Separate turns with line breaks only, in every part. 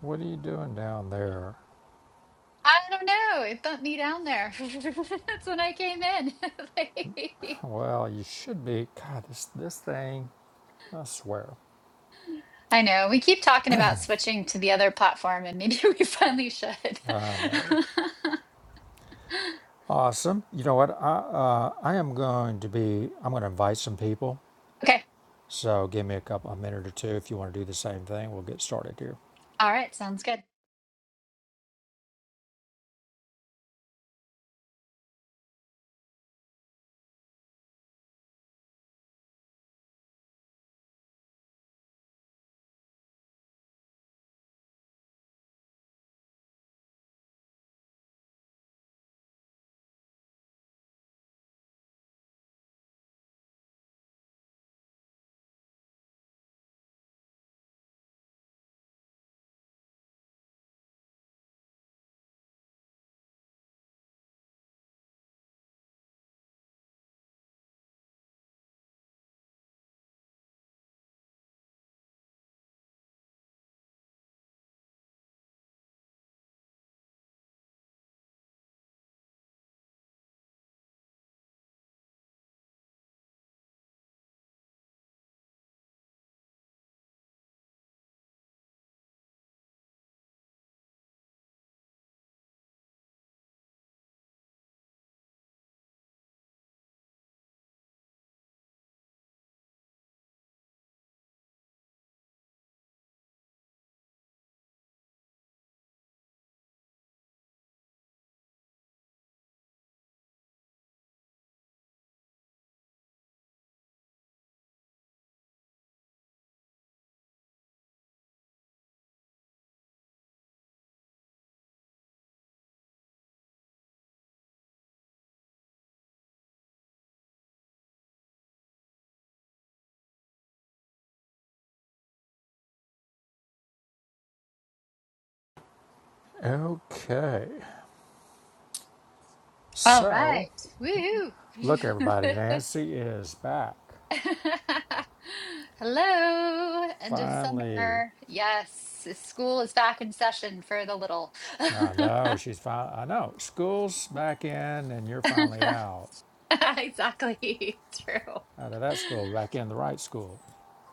What are you doing down there?
I don't know. It bumped me down there. That's when I came in. Like-
Well, you should be. God, this this thing. I swear.
I know. We keep talking about switching to the other platform, and maybe we finally should.
I know. Awesome. You know what? I uh, I am going to be. I'm going to invite some people.
okay.
So give me a couple a minute or two if you want to do the same thing. We'll get started here.
All right. Sounds good.
Okay.
All
So
right. Woo.
look, everybody. Nancy is back.
Hello. End of
Finally.
summer. Yes. School is back in session for the little.
I know she's fine. I know school's back in, and you're finally out
exactly. True.
out of that school, back in the right school.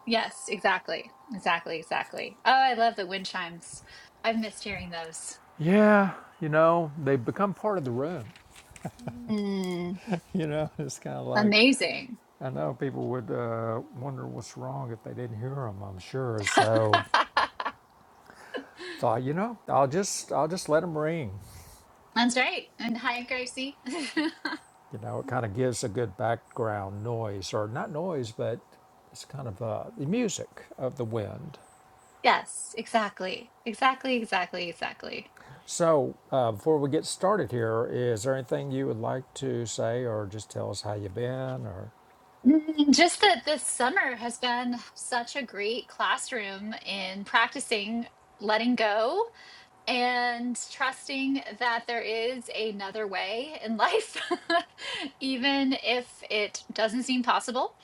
Yes, exactly. Exactly, exactly. Oh, I love the wind chimes. I've missed hearing those.
Yeah, you know, they become part of the room.
Mm,
You know, it's kind of like
amazing.
I know people would uh, wonder what's wrong if they didn't hear them. I'm sure. So thought, you know, I'll just I'll just let them ring.
That's right. And hi, Gracie.
You know, it kind of gives a good background noise, or not noise, but it's kind of uh, the music of the wind.
Yes, exactly. Exactly, exactly, exactly.
So uh, before we get started here, is there anything you would like to say, or just tell us how you've been, or
Mm, Just that this summer has been such a great classroom in practicing letting go and trusting that there is another way in life, even if it doesn't seem possible.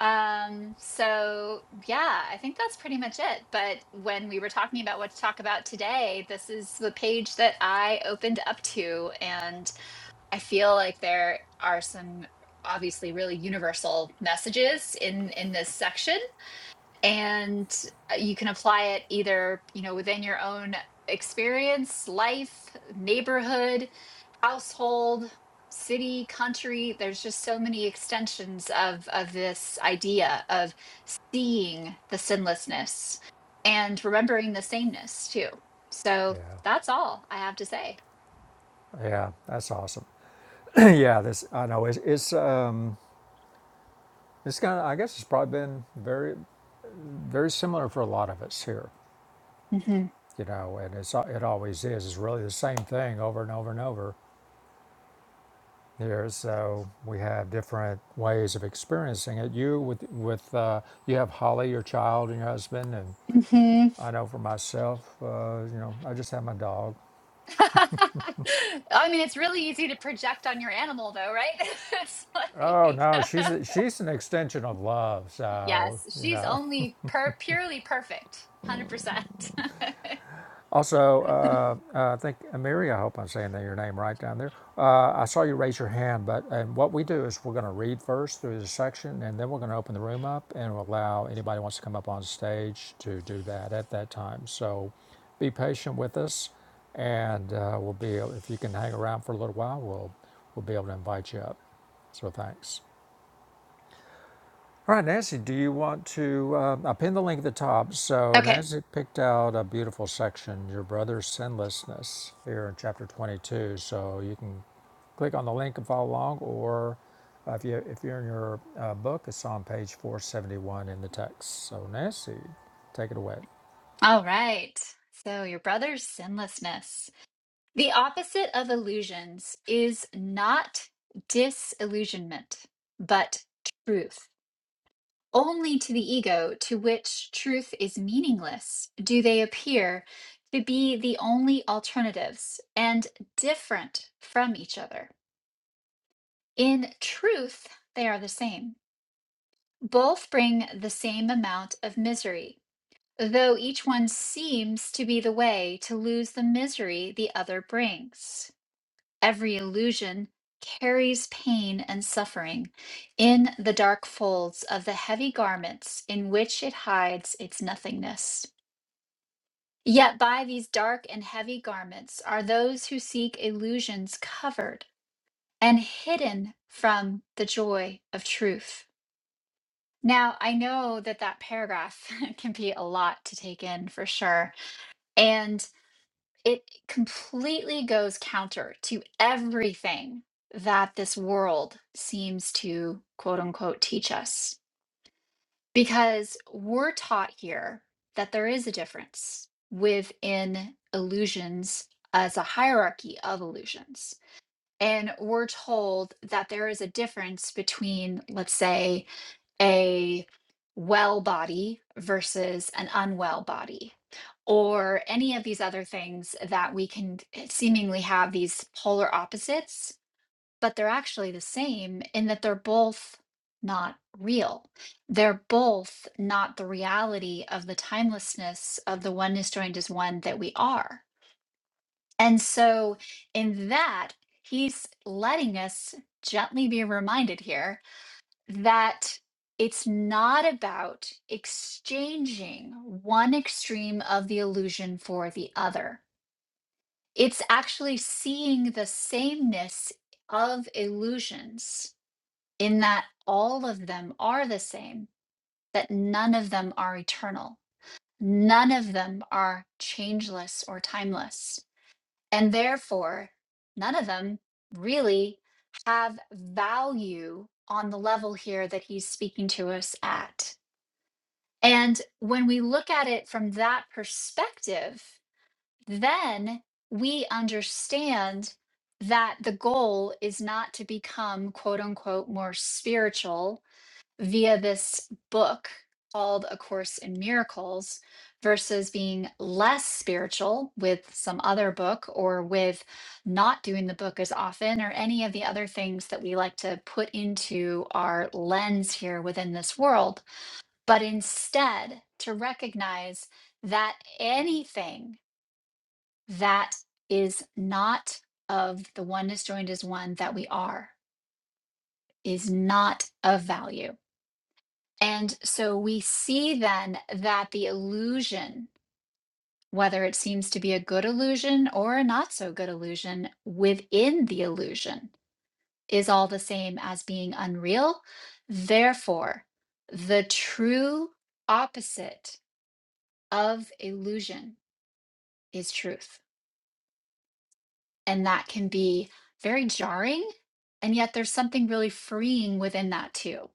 Um, so, yeah, I think that's pretty much it. But when we were talking about what to talk about today, this is the page that I opened up to. And I feel like there are some obviously really universal messages in in this section and uh, you can apply it either you know within your own experience life neighborhood household city country there's just so many extensions of of this idea of seeing the sinlessness and remembering the sameness too so
yeah,
that's all i have to say
yeah, that's awesome. yeah, this I know it's it's uh, It's kind of, I guess it's probably been very, very similar for a lot of us here,
hmm
you know, and it's, it always is. It's really the same thing over and over and over here. So we have different ways of experiencing it. You with, with, uh, you have Holly, your child and your husband. And
hmm
I know for myself, uh, you know, I just have my dog.
i mean it's really easy to project on your animal though right it's
Oh no,
like
she's, a, she's an extension of love. So,
Yes,
you
she's
know,
only per purely perfect. 100%.
Also, uh, uh, I think Amiri, I hope I'm saying that your name right down there. Uh, I saw you raise your hand, but and what we do is we're going to read first through the section, and then we're going to open the room up and we'll allow anybody who wants to come up on stage to do that at that time. So, be patient with us, and uh, we'll be if you can hang around for a little while, we'll we'll be able to invite you up. So thanks. All right, Nancy, do you want to? Uh, I'll pin the link at the top. So,
Okay.
Nancy picked out a beautiful section, Your Brother's Sinlessness, here in chapter 22. So, you can click on the link and follow along, or uh, if, you, if you're in your uh, book, it's on page 471 in the text. So, Nancy, take it away.
All right. So, your brother's sinlessness. The opposite of illusions is not disillusionment, but truth. Only to the ego, to which truth is meaningless, do they appear to be the only alternatives and different from each other. In truth, they are the same. Both bring the same amount of misery, though each one seems to be the way to lose the misery the other brings. Every illusion carries pain and suffering in the dark folds of the heavy garments in which it hides its nothingness. Yet by these dark and heavy garments are those who seek illusions covered and hidden from the joy of truth. Now, I know that that paragraph can be a lot to take in for sure. And it completely goes counter to everything that this world seems to quote unquote teach us. Because we're taught here that there is a difference within illusions as a hierarchy of illusions. And we're told that there is a difference between, let's say, a well body versus an unwell body, or any of these other things that we can seemingly have these polar opposites, but they're actually the same in that they're both not real. They're both not the reality of the timelessness of the oneness joined as one that we are. And so, in that, he's letting us gently be reminded here that it's not about exchanging one extreme of the illusion for the other. It's actually seeing the sameness of illusions in that all of them are the same, that none of them are eternal, none of them are changeless or timeless. And therefore, none of them really have value on the level here that he's speaking to us at And when we look at it from that perspective, then we understand that the goal is not to become quote unquote more spiritual via this book called A Course in Miracles versus being less spiritual with some other book or with not doing the book as often or any of the other things that we like to put into our lens here within this world but instead to recognize that anything that is not of the oneness joined as one that we are is not of value. And so we see then that the illusion, whether it seems to be a good illusion or a not so good illusion within the illusion, is all the same as being unreal. Therefore, the true opposite of illusion is truth. And that can be very jarring. And yet there's something really freeing within that too.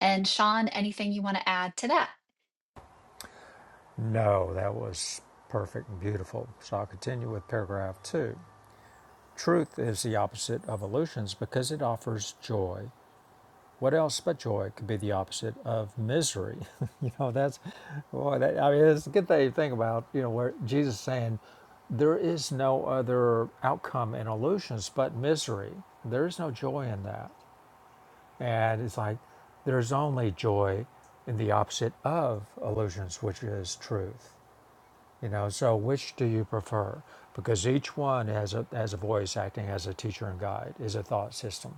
And Sean, anything you want to add to that?
No, that was perfect and beautiful. So, I'll continue with paragraph two. Truth is the opposite of illusions because it offers joy What else but joy could be the opposite of misery? you know, that's boy. That, I mean, it's a good thing to think about. You know, where Jesus is saying there is no other outcome in illusions but misery. There is no joy in that, and it's like there's only joy in the opposite of illusions, which is truth. You know, so which do you prefer? Because each one has a has a voice acting as a teacher and guide, is a thought system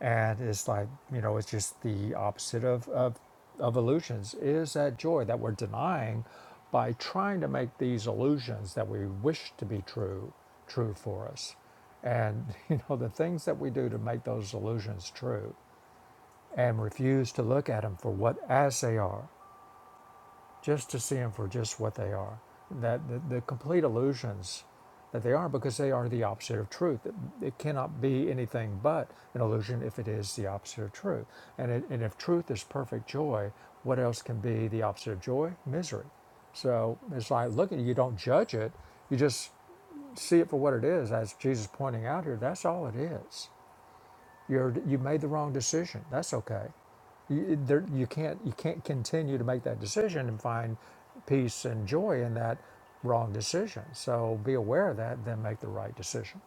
and it's like you know it's just the opposite of of, of illusions It is that joy that we're denying by trying to make these illusions that we wish to be true true for us and you know the things that we do to make those illusions true and refuse to look at them for what as they are just to see them for just what they are. That the, the complete illusions that they are, because they are the opposite of truth. It, cannot be anything but an illusion if it is the opposite of truth. And, it, and if truth is perfect joy, what else can be the opposite of joy? Misery. So it's like, look at it, you don't judge it, you just see it for what it is. As Jesus is pointing out here, that's all it is. You're, you made the wrong decision. That's okay. You, there, you can't you can't continue to make that decision and find peace and joy in that wrong decision. So be aware of that, then make the right decision.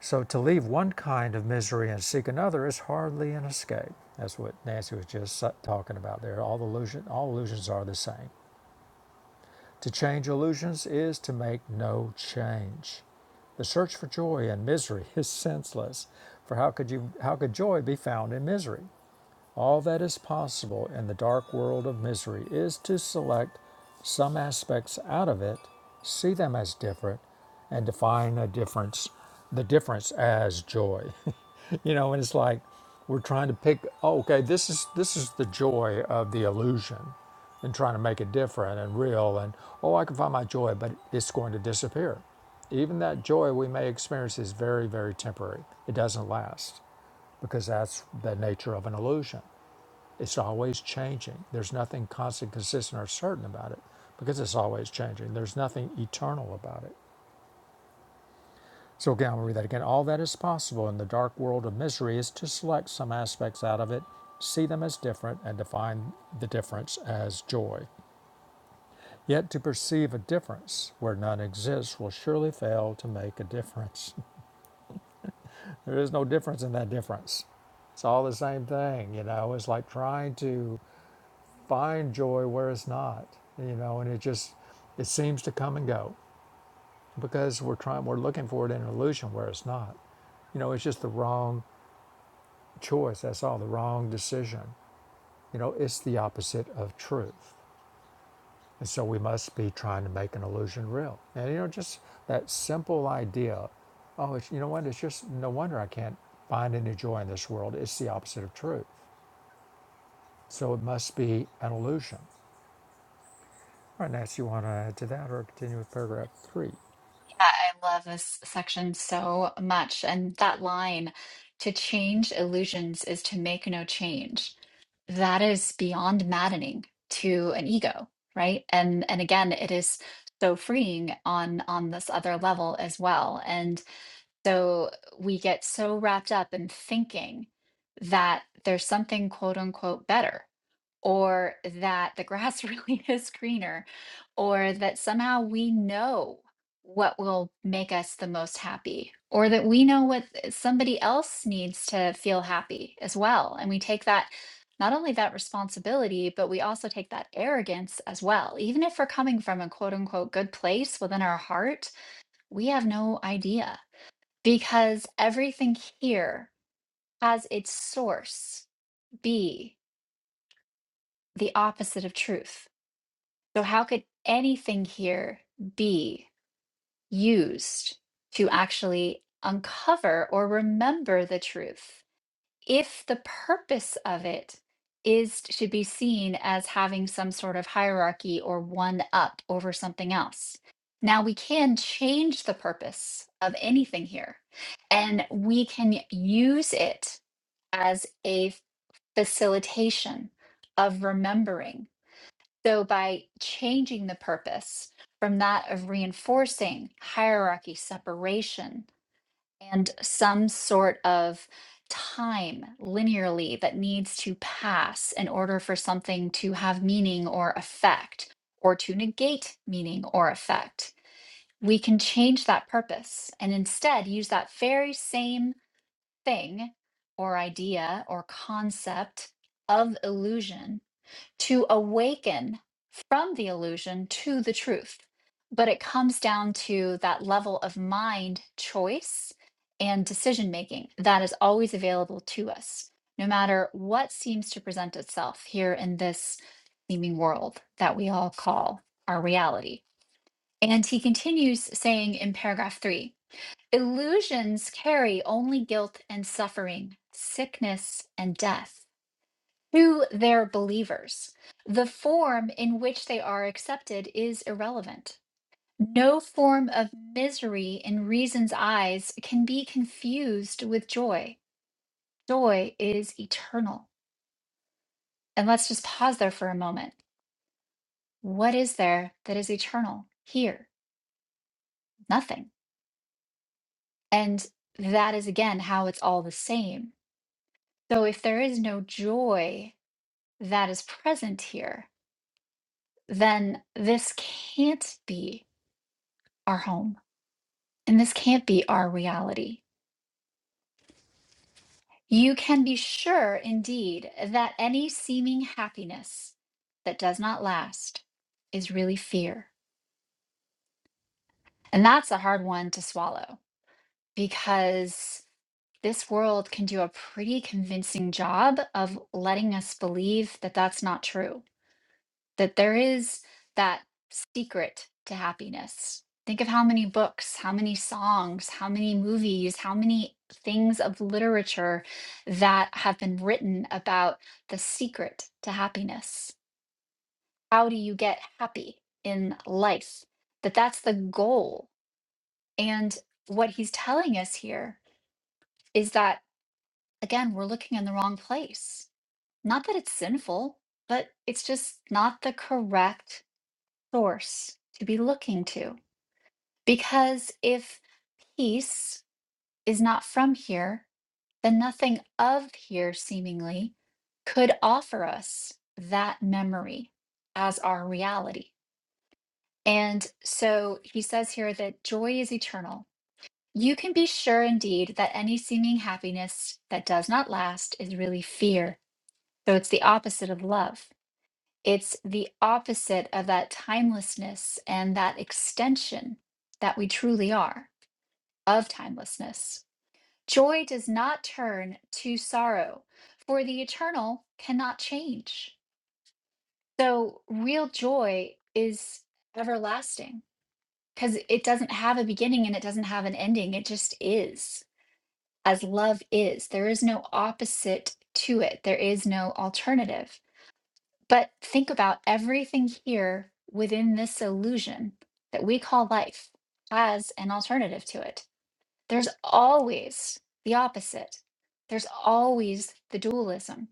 So to leave one kind of misery and seek another is hardly an escape. That's what Nancy was just talking about there. All illusion, all illusions are the same. To change illusions is to make no change. The search for joy and misery is senseless, for how could you how could joy be found in misery? All that is possible in the dark world of misery is to select some aspects out of it, see them as different, and define a difference, the difference as joy. you know, and it's like we're trying to pick. Oh, okay, this is this is the joy of the illusion, and trying to make it different and real. And oh, I can find my joy, but it's going to disappear. Even that joy we may experience is very, very temporary. It doesn't last because that's the nature of an illusion. It's always changing. There's nothing constant, consistent, or certain about it because it's always changing. There's nothing eternal about it. So again, i am going to read that again. All that is possible in the dark world of misery is to select some aspects out of it, see them as different, and define the difference as joy. Yet to perceive a difference where none exists will surely fail to make a difference. there is no difference in that difference. It's all the same thing, you know. It's like trying to find joy where it's not, you know, and it just it seems to come and go because we're trying we're looking for it in an illusion where it's not. You know, it's just the wrong choice, that's all, the wrong decision. You know, it's the opposite of truth. And so we must be trying to make an illusion real. And you know, just that simple idea, oh, it's, you know what, it's just no wonder I can't find any joy in this world. It's the opposite of truth. So it must be an illusion. All right, Nancy, you want to add to that or continue with paragraph three?
Yeah, I love this section so much. And that line to change illusions is to make no change. That is beyond maddening to an ego, right? And and again, it is so freeing on on this other level as well. And So we get so wrapped up in thinking that there's something quote unquote better, or that the grass really is greener, or that somehow we know what will make us the most happy, or that we know what eh, somebody else needs to feel happy as well. And we take that. Not only that responsibility, but we also take that arrogance as well. Even if we're coming from a quote unquote good place within our heart, we have no idea. Because everything here has its source be the opposite of truth. So, how could anything here be used to actually uncover or remember the truth if the purpose of it is to be seen as having some sort of hierarchy or one up over something else? Now, we can change the purpose of anything here and we can use it as a facilitation of remembering. So by changing the purpose from that of reinforcing hierarchy, separation, and some sort of time linearly that needs to pass in order for something to have meaning or effect or to negate meaning or effect. We can change that purpose and instead use that very same thing or idea or concept of illusion to awaken from the illusion to the truth. But it comes down to that level of mind choice and decision making that is always available to us, no matter what seems to present itself here in this seeming world that we all call our reality. And he continues saying in paragraph three Illusions carry only guilt and suffering, sickness and death to their believers. The form in which they are accepted is irrelevant. No form of misery in reason's eyes can be confused with joy. Joy is eternal. And let's just pause there for a moment. What is there that is eternal here? Nothing. And that is again how it's all the same. So if there is no joy that is present here, then this can't be our home and this can't be our reality. You can be sure, indeed, that any seeming happiness that does not last is really fear. And that's a hard one to swallow because this world can do a pretty convincing job of letting us believe that that's not true that there is that secret to happiness. Think of how many books, how many songs, how many movies, how many things of literature that have been written about the secret to happiness. How do you get happy in life? That that's the goal. And what he's telling us here is that again, we're looking in the wrong place. Not that it's sinful, but it's just not the correct source to be looking to. Because if peace is not from here, then nothing of here seemingly could offer us that memory as our reality. And so he says here that joy is eternal. You can be sure indeed that any seeming happiness that does not last is really fear. So it's the opposite of love. It's the opposite of that timelessness and that extension that we truly are of timelessness. Joy does not turn to sorrow, for the eternal cannot change. So, real joy is everlasting because it doesn't have a beginning and it doesn't have an ending. It just is as love is. There is no opposite to it, there is no alternative. But think about everything here within this illusion that we call life has an alternative to it. There's always the opposite, there's always the dualism.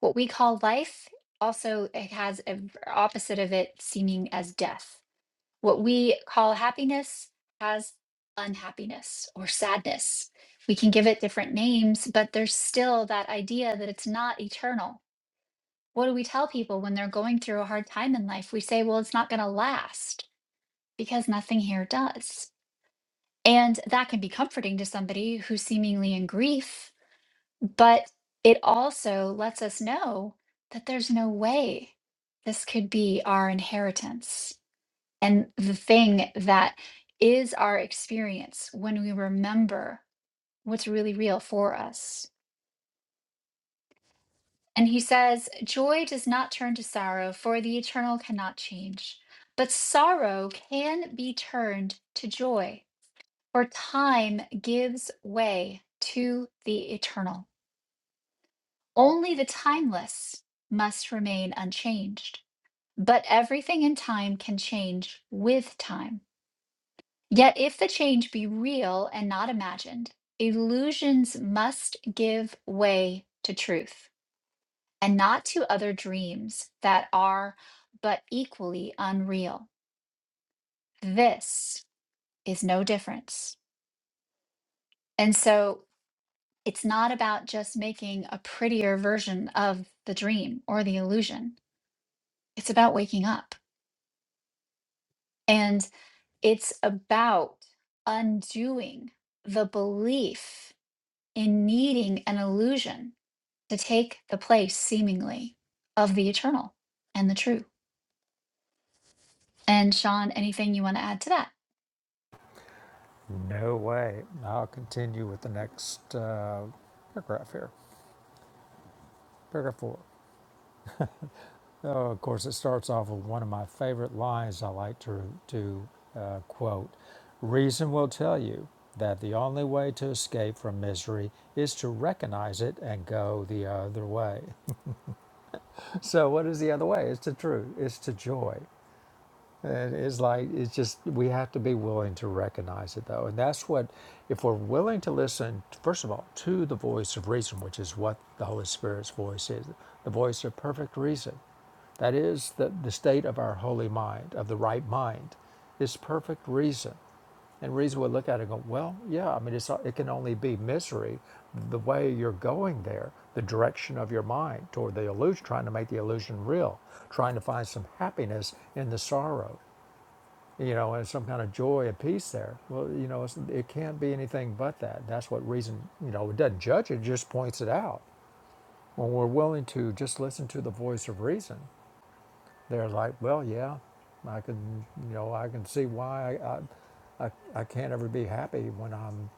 What we call life also it has an opposite of it seeming as death. What we call happiness has unhappiness or sadness. We can give it different names, but there's still that idea that it's not eternal what do we tell people when they're going through a hard time in life? We say, well, it's not going to last because nothing here does. And that can be comforting to somebody who's seemingly in grief, but it also lets us know that there's no way this could be our inheritance. And the thing that is our experience when we remember what's really real for us. And he says, Joy does not turn to sorrow, for the eternal cannot change. But sorrow can be turned to joy, for time gives way to the eternal. Only the timeless must remain unchanged. But everything in time can change with time. Yet if the change be real and not imagined, illusions must give way to truth. and not to other dreams that are but equally unreal. This is no difference. And so it's not about just making a prettier version of the dream or the illusion, it's about waking up. And it's about undoing the belief in needing an illusion to take the place, seemingly, of the eternal and the true. And Sean, anything you want to add to that?
No way. I'll continue with the next uh, paragraph here. Paragraph four. Oh, of course, it starts off with one of my favorite lines I like to, to uh, quote Reason will tell you that the only way to escape from misery is to recognize it and go the other way. So, what is the other way? It's to truth, it's to joy. And it's like, it's just, we have to be willing to recognize it though. And that's what, if we're willing to listen, first of all, to the voice of reason, which is what the Holy Spirit's voice is the voice of perfect reason. That is the, the state of our holy mind, of the right mind, is perfect reason. And reason would look at it and go, well, yeah, I mean, it's, it can only be misery the way you're going there, the direction of your mind toward the illusion, trying to make the illusion real, trying to find some happiness in the sorrow you know, and some kind of joy and peace there. Well, you know, it's, it can't be anything but that. That's what reason, you know, it doesn't judge it, it just points it out. When we're willing to just listen to the voice of reason, they're like, well, yeah, I can, you know, I can see why I, I, I can't ever be happy when I'm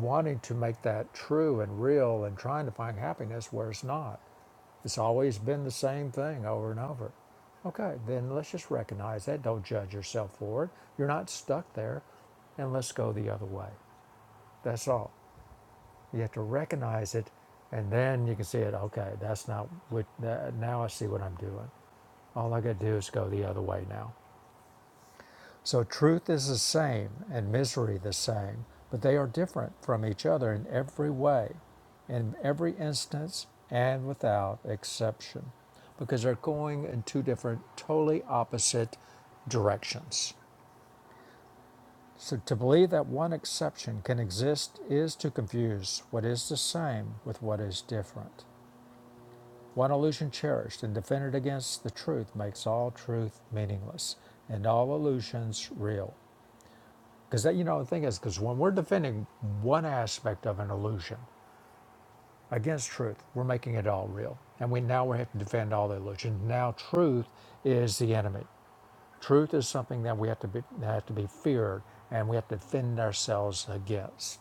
wanting to make that true and real and trying to find happiness where it's not. It's always been the same thing over and over. Okay, then let's just recognize that. Don't judge yourself for it. You're not stuck there. And let's go the other way. That's all. You have to recognize it and then you can see it. Okay, that's not what, that, now I see what I'm doing. All I got to do is go the other way now. So truth is the same and misery the same, but they are different from each other in every way, in every instance, and without exception, because they're going in two different, totally opposite directions. So to believe that one exception can exist is to confuse what is the same with what is different. One illusion cherished and defended against the truth makes all truth meaningless and all illusions real. Because you know the thing is, because when we're defending one aspect of an illusion against truth, we're making it all real, and we now we have to defend all the illusions. Now truth is the enemy. Truth is something that we have to be have to be feared, and we have to defend ourselves against.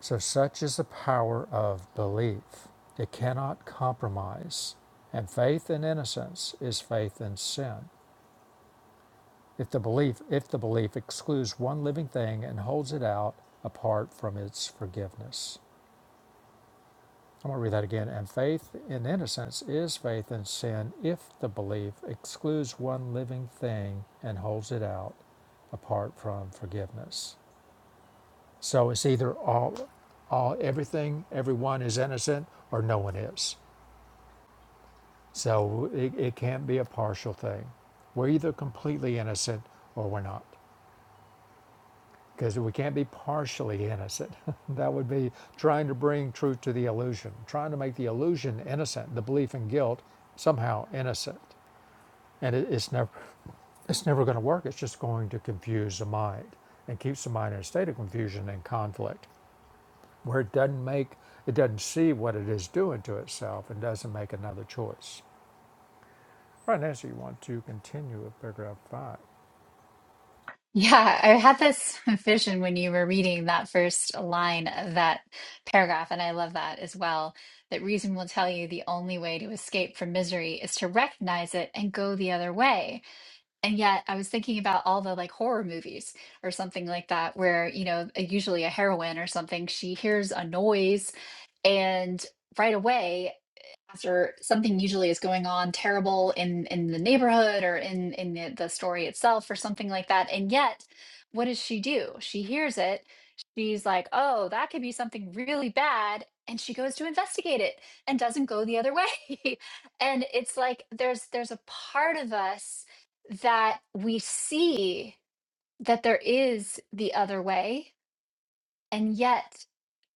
So such is the power of belief; it cannot compromise. And faith in innocence is faith in sin. If the belief if the belief excludes one living thing and holds it out apart from its forgiveness. I'm going to read that again. And faith in innocence is faith in sin if the belief excludes one living thing and holds it out apart from forgiveness. So it's either all, all everything, everyone is innocent, or no one is. So it, it can't be a partial thing. We're either completely innocent or we're not. because we can't be partially innocent. that would be trying to bring truth to the illusion, trying to make the illusion innocent, the belief in guilt somehow innocent. And it, it's never, it's never going to work. It's just going to confuse the mind and keeps the mind in a state of confusion and conflict, where it doesn't make, it doesn't see what it is doing to itself and doesn't make another choice. Right, Nancy, you want to continue with paragraph five.
Yeah, I had this vision when you were reading that first line of that paragraph, and I love that as well. That reason will tell you the only way to escape from misery is to recognize it and go the other way. And yet, I was thinking about all the like horror movies or something like that, where, you know, usually a heroine or something, she hears a noise and right away or something usually is going on terrible in in the neighborhood or in in the, the story itself or something like that and yet what does she do she hears it she's like oh that could be something really bad and she goes to investigate it and doesn't go the other way and it's like there's there's a part of us that we see that there is the other way and yet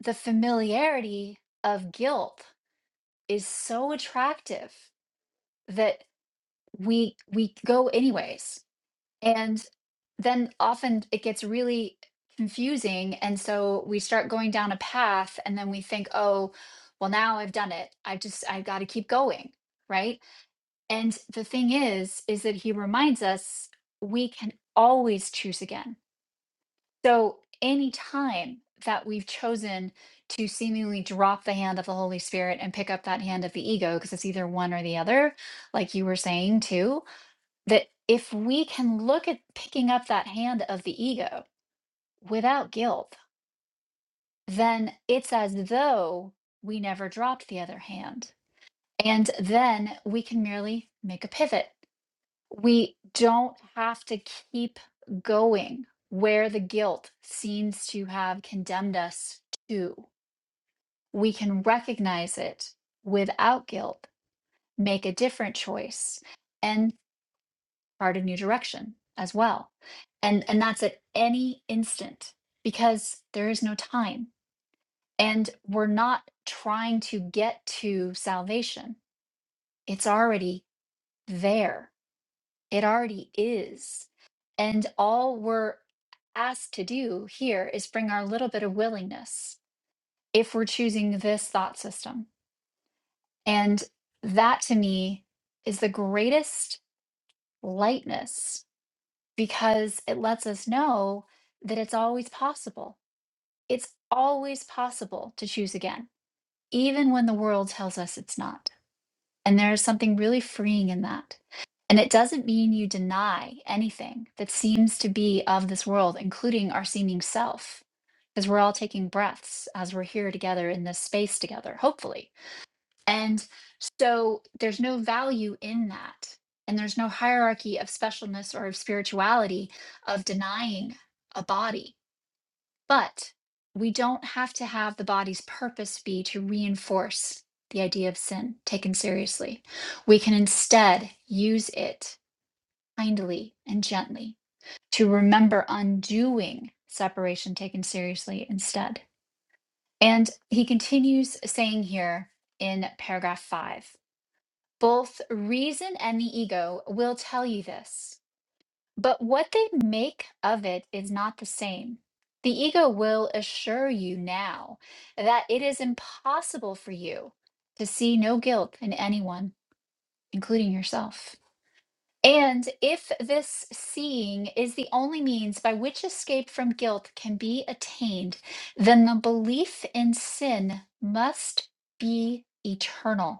the familiarity of guilt is so attractive that we we go anyways and then often it gets really confusing and so we start going down a path and then we think oh well now i've done it i just i've got to keep going right and the thing is is that he reminds us we can always choose again so any time that we've chosen to seemingly drop the hand of the holy spirit and pick up that hand of the ego because it's either one or the other like you were saying too that if we can look at picking up that hand of the ego without guilt, then it's as though we never dropped the other hand. And then we can merely make a pivot. We don't have to keep going where the guilt seems to have condemned us to. We can recognize it without guilt, make a different choice. and. chart a new direction as well. And, and that's at any instant because there is no time. And we're not trying to get to salvation, it's already there, it already is. And all we're asked to do here is bring our little bit of willingness if we're choosing this thought system. And that to me is the greatest lightness because it lets us know that it's always possible. It's always possible to choose again, even when the world tells us it's not. And there is something really freeing in that. And it doesn't mean you deny anything that seems to be of this world, including our seeming self, because we're all taking breaths as we're here together in this space together, hopefully and so there's no value in that. And there's no hierarchy of specialness or of spirituality of denying a body. But we don't have to have the body's purpose be to reinforce the idea of sin taken seriously. We can instead use it kindly and gently to remember undoing separation taken seriously instead. And he continues saying here in paragraph five both reason and the ego will tell you this, but what they make of it is not the same. The ego will assure you now that it is impossible for you to see no guilt in anyone, including yourself. And if this seeing is the only means by which escape from guilt can be attained, then the belief in sin must be eternal.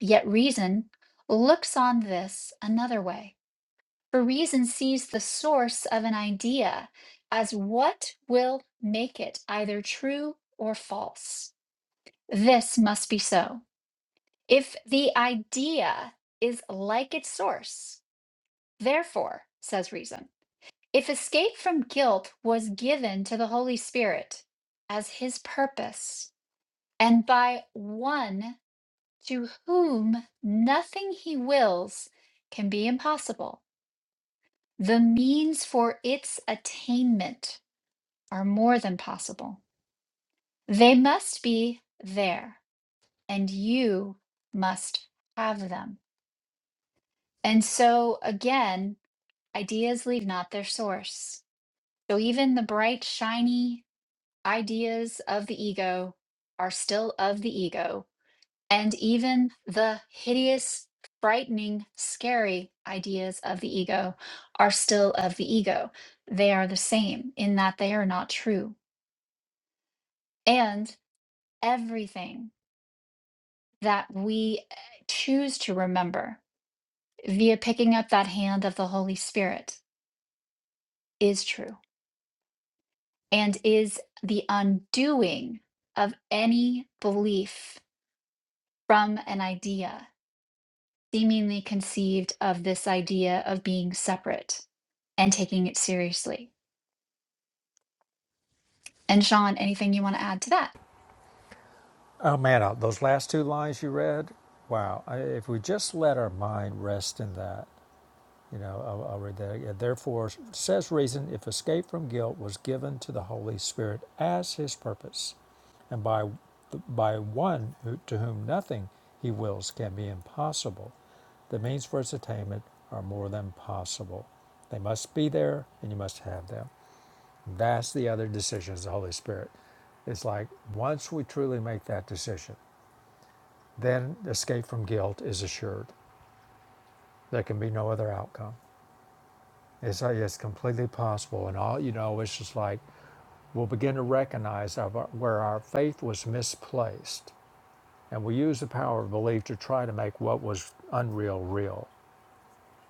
Yet reason looks on this another way. For reason sees the source of an idea as what will make it either true or false. This must be so. If the idea is like its source, therefore, says reason, if escape from guilt was given to the Holy Spirit as his purpose, and by one to whom nothing he wills can be impossible. The means for its attainment are more than possible. They must be there, and you must have them. And so, again, ideas leave not their source. So, even the bright, shiny ideas of the ego are still of the ego and even the hideous, frightening, scary ideas of the ego are still of the ego. They are the same in that they are not true. And everything that we eh, choose to remember via picking up that hand of the Holy Spirit is true and is the undoing of any belief from an idea seemingly conceived of this idea of being separate and taking it seriously. And Sean, anything you want to add to that?
Oh man, uh, those last two lines you read, wow. If we just let our mind rest in that, You know, I'll, I'll read that again. Therefore, says reason, if escape from guilt was given to the Holy Spirit as his purpose, and by by one who, to whom nothing he wills can be impossible, the means for its attainment are more than possible. They must be there, and you must have them. That's the other decision is the Holy Spirit. It's like once we truly make that decision, then escape from guilt is assured. There can be no other outcome. It's like it's completely possible, and all you know, it's just like we'll begin to recognize our, where our faith was misplaced, and we use the power of belief to try to make what was unreal real.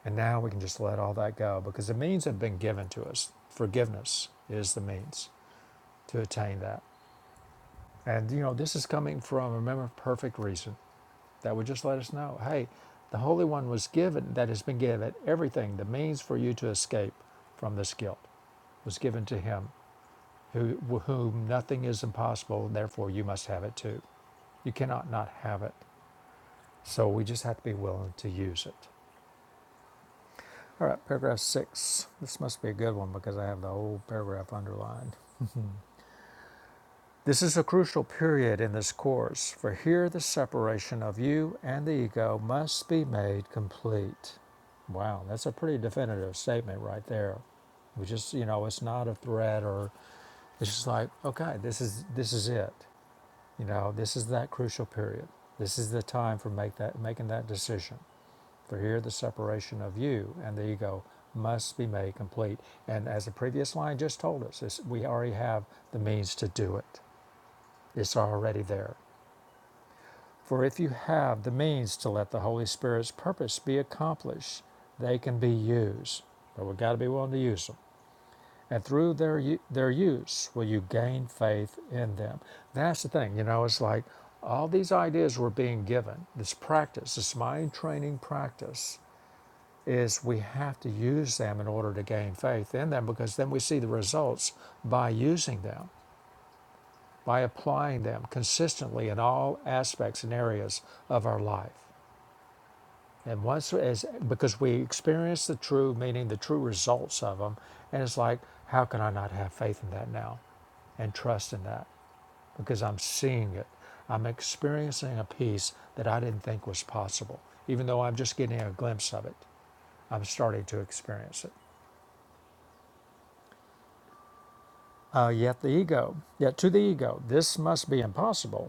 And now we can just let all that go because the means have been given to us. Forgiveness is the means to attain that. And you know, this is coming from remember perfect reason that would just let us know, hey, the Holy One was given that has been given everything, the means for you to escape from this guilt was given to him who, with whom nothing is impossible, and therefore you must have it too. You cannot not have it. So we just have to be willing to use it. All right, paragraph six. This must be a good one because I have the whole paragraph underlined. This is a crucial period in this course, for here the separation of you and the ego must be made complete. Wow, that's a pretty definitive statement right there. We just, you know, it's not a threat or it's just like, okay, this is this is it. You know, this is that crucial period. This is the time for make that, making that decision. For here, the separation of you and the ego must be made complete. And as the previous line just told us, is we already have the means to do it. It's already there. For if you have the means to let the Holy Spirit's purpose be accomplished, they can be used. But we've got to be willing to use them and through their their use will you gain faith in them. That's the thing, you know. It's like all these ideas were being given. This practice, this mind training practice, is we have to use them in order to gain faith in them because then we see the results by using them, by applying them consistently in all aspects and areas of our life. And once, as, because we experience the true meaning, the true results of them, and it's like, how can I not have faith in that now and trust in that? Because I'm seeing it. I'm experiencing a peace that I didn't think was possible, even though I'm just getting a glimpse of it. I'm starting to experience it. Uh, yet the ego, yet to the ego, this must be impossible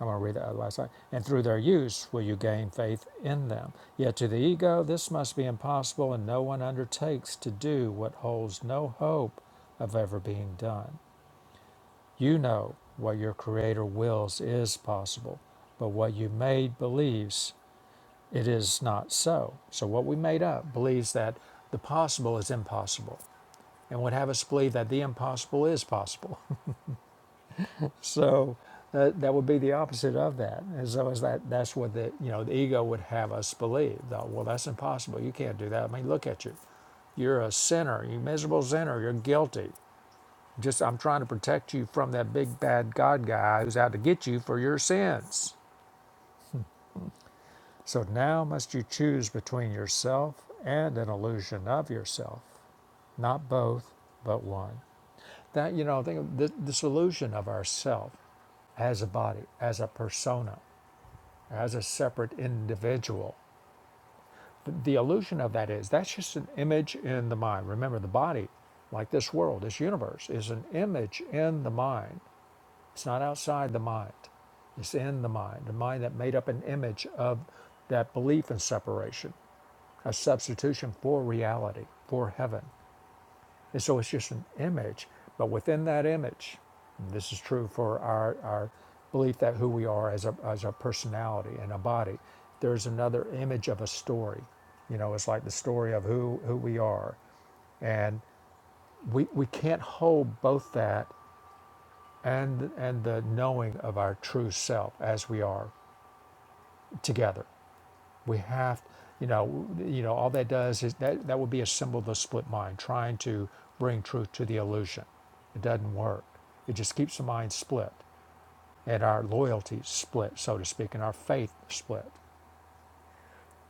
I'm going to read that last line. And through their use will you gain faith in them. Yet to the ego, this must be impossible, and no one undertakes to do what holds no hope of ever being done. You know what your Creator wills is possible, but what you made believes it is not so. So, what we made up believes that the possible is impossible and would have us believe that the impossible is possible. So that, that would be the opposite of that. And so is that that's what the you know the ego would have us believe. Though, well, that's impossible. You can't do that. I mean, look at you. You're a sinner. You miserable sinner. You're guilty. Just I'm trying to protect you from that big bad God guy who's out to get you for your sins. So now must you choose between yourself and an illusion of yourself, not both, but one. That you know, think of the, this illusion of ourself as a body, as a persona as a separate individual. The, illusion of that is that's just an image in the mind. Remember, the body, like this world, this universe, is an image in the mind. It's not outside the mind, it's in the mind, the mind that made up an image of that belief in separation, a substitution for reality, for heaven. And so it's just an image. But within that image, and this is true for our, our belief that who we are as a, as a personality and a body, there's another image of a story. You know, it's like the story of who, who we are. And we, we can't hold both that and, and the knowing of our true self as we are together. we have you know you know all that does is that that would be a symbol of the split mind trying to bring truth to the illusion it doesn't work it just keeps the mind split and our loyalty split so to speak and our faith split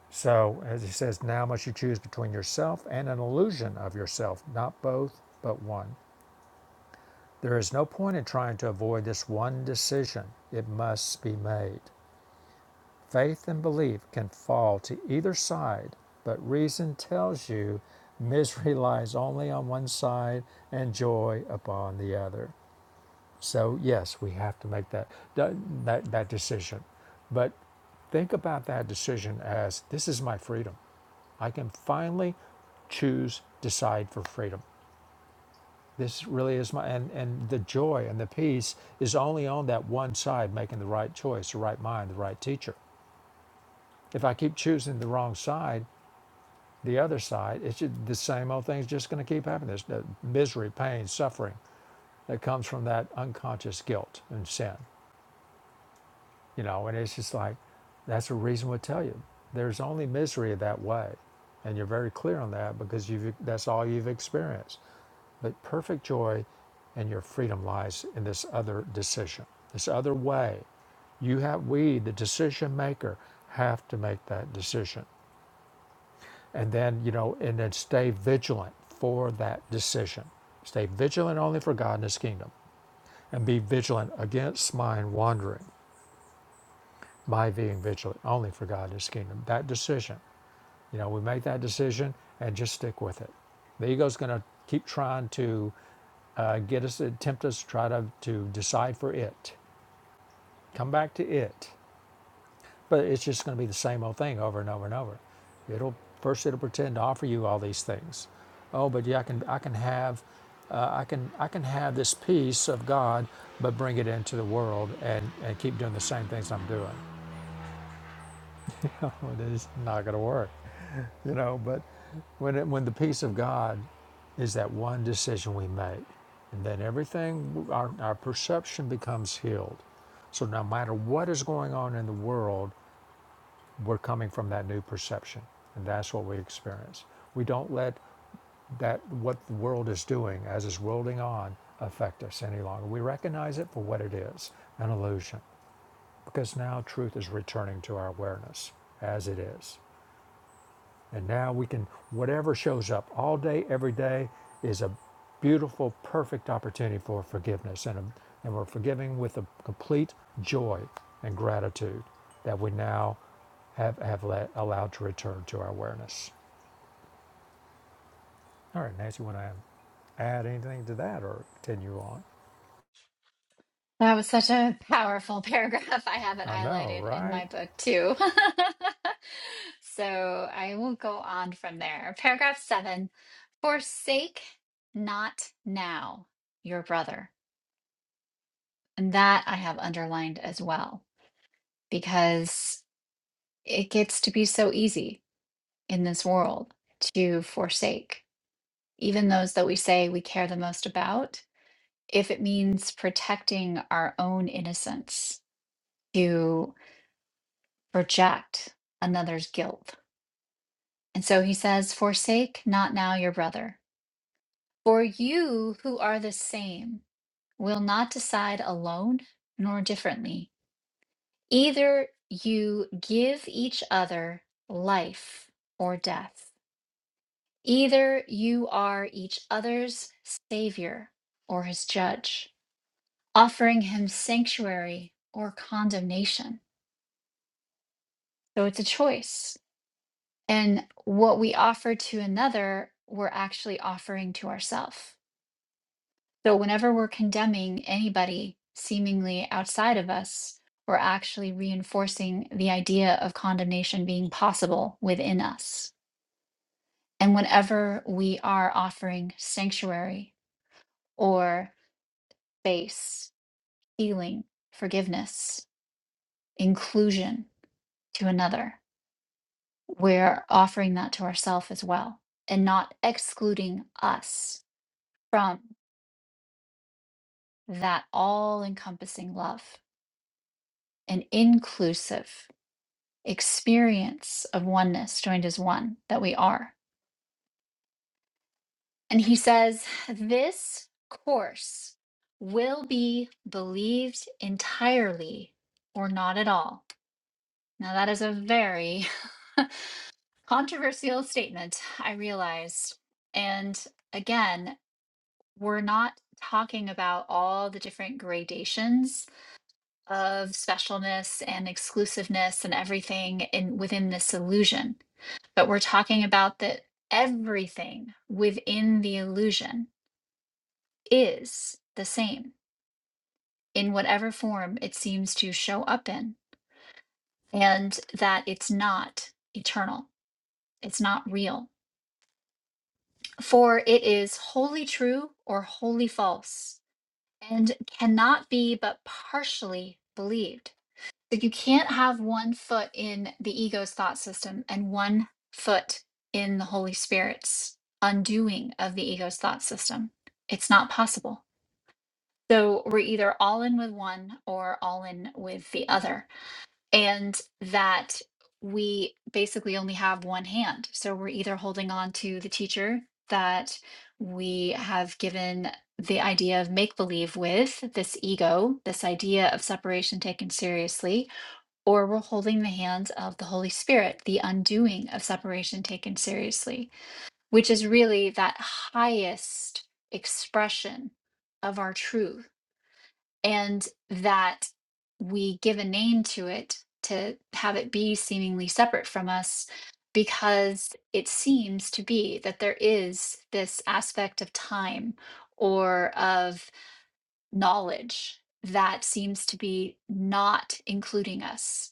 so as he says now must you choose between yourself and an illusion of yourself not both but one there is no point in trying to avoid this one decision it must be made Faith and belief can fall to either side, but reason tells you misery lies only on one side and joy upon the other. So, yes, we have to make that, that, that, decision. But think about that decision as this is my freedom. I can finally choose, decide for freedom. This really is my, and, and the joy and the peace is only on that one side, making the right choice, the right mind, the right teacher. If I keep choosing the wrong side, the other side, it's ju- the same old thing's just going to keep happening. There's the misery, pain, suffering that comes from that unconscious guilt and sin, you know. And it's just like that's what reason we tell you. There's only misery that way, and you're very clear on that because you've that's all you've experienced. But perfect joy and your freedom lies in this other decision, this other way. You have we, the decision maker, have to make that decision and then you know and then stay vigilant for that decision stay vigilant only for god and his kingdom and be vigilant against mind wandering by being vigilant only for god and his kingdom that decision you know we make that decision and just stick with it the ego's going to keep trying to uh, get us tempt us try to, to decide for it come back to it But it's just going to be the same old thing over and over and over. It'll first it'll pretend to offer you all these things. Oh, but yeah, I can I can have uh, I can I can have this peace of God, but bring it into the world and and keep doing the same things I'm doing. it is not going to work. You know, but when it, when the peace of God is that one decision we make, and then everything our our perception becomes healed. So no matter what is going on in the world, we're coming from that new perception and that's what we experience we don't let that what the world is doing as it's rolling on affect us any longer we recognize it for what it is an illusion because now truth is returning to our awareness as it is and now we can, whatever shows up all day, every day, is a beautiful, perfect opportunity for forgiveness. And, a, and we're forgiving with a complete joy and gratitude that we now have, have let, allowed to return to our awareness. All right, Nancy, want to add anything to that or continue on?
That was such a powerful paragraph. I have it
I know,
highlighted in
right?
my book too. so I will go on from there. Paragraph seven Forsake not now your brother. And that I have underlined as well because it gets to be so easy in this world to forsake even those that we say we care the most about, if it means protecting our own innocence to reject another's guilt. And so he says, Forsake not now your brother, for you who are the same will not decide alone nor differently. Either you give each other life or death, either you are each other's savior or his judge. offering him sanctuary or condemnation. So it's a choice. And what we offer to another, we're actually offering to ourselves. So whenever we're condemning anybody seemingly outside of us, we're actually reinforcing the idea of condemnation being possible within us. And whenever we are offering sanctuary or space, healing, forgiveness, inclusion to another, we're offering that to ourselves as well and not excluding us from that all encompassing love and inclusive experience of oneness joined as one that we are. And he says, This course will be believed entirely or not at all. Now, that is a very controversial statement, I realize. And again, we're not talking about all the different gradations of specialness and exclusiveness and everything in within this illusion but we're talking about that everything within the illusion is the same in whatever form it seems to show up in and that it's not eternal it's not real for it is wholly true or wholly false and cannot be but partially believed So you can't have one foot in the ego's thought system and one foot in the Holy Spirit's undoing of the ego's thought system. It's not possible. So we're either all in with one or all in with the other. And that we basically only have one hand. So we're either holding on to the teacher that we have given the idea of make believe with this ego, this idea of separation taken seriously, or we're holding the hands of the Holy Spirit, the undoing of separation taken seriously, which is really that highest expression of our truth. And that we give a name to it to have it be seemingly separate from us because it seems to be that there is this aspect of time or of knowledge that seems to be not including us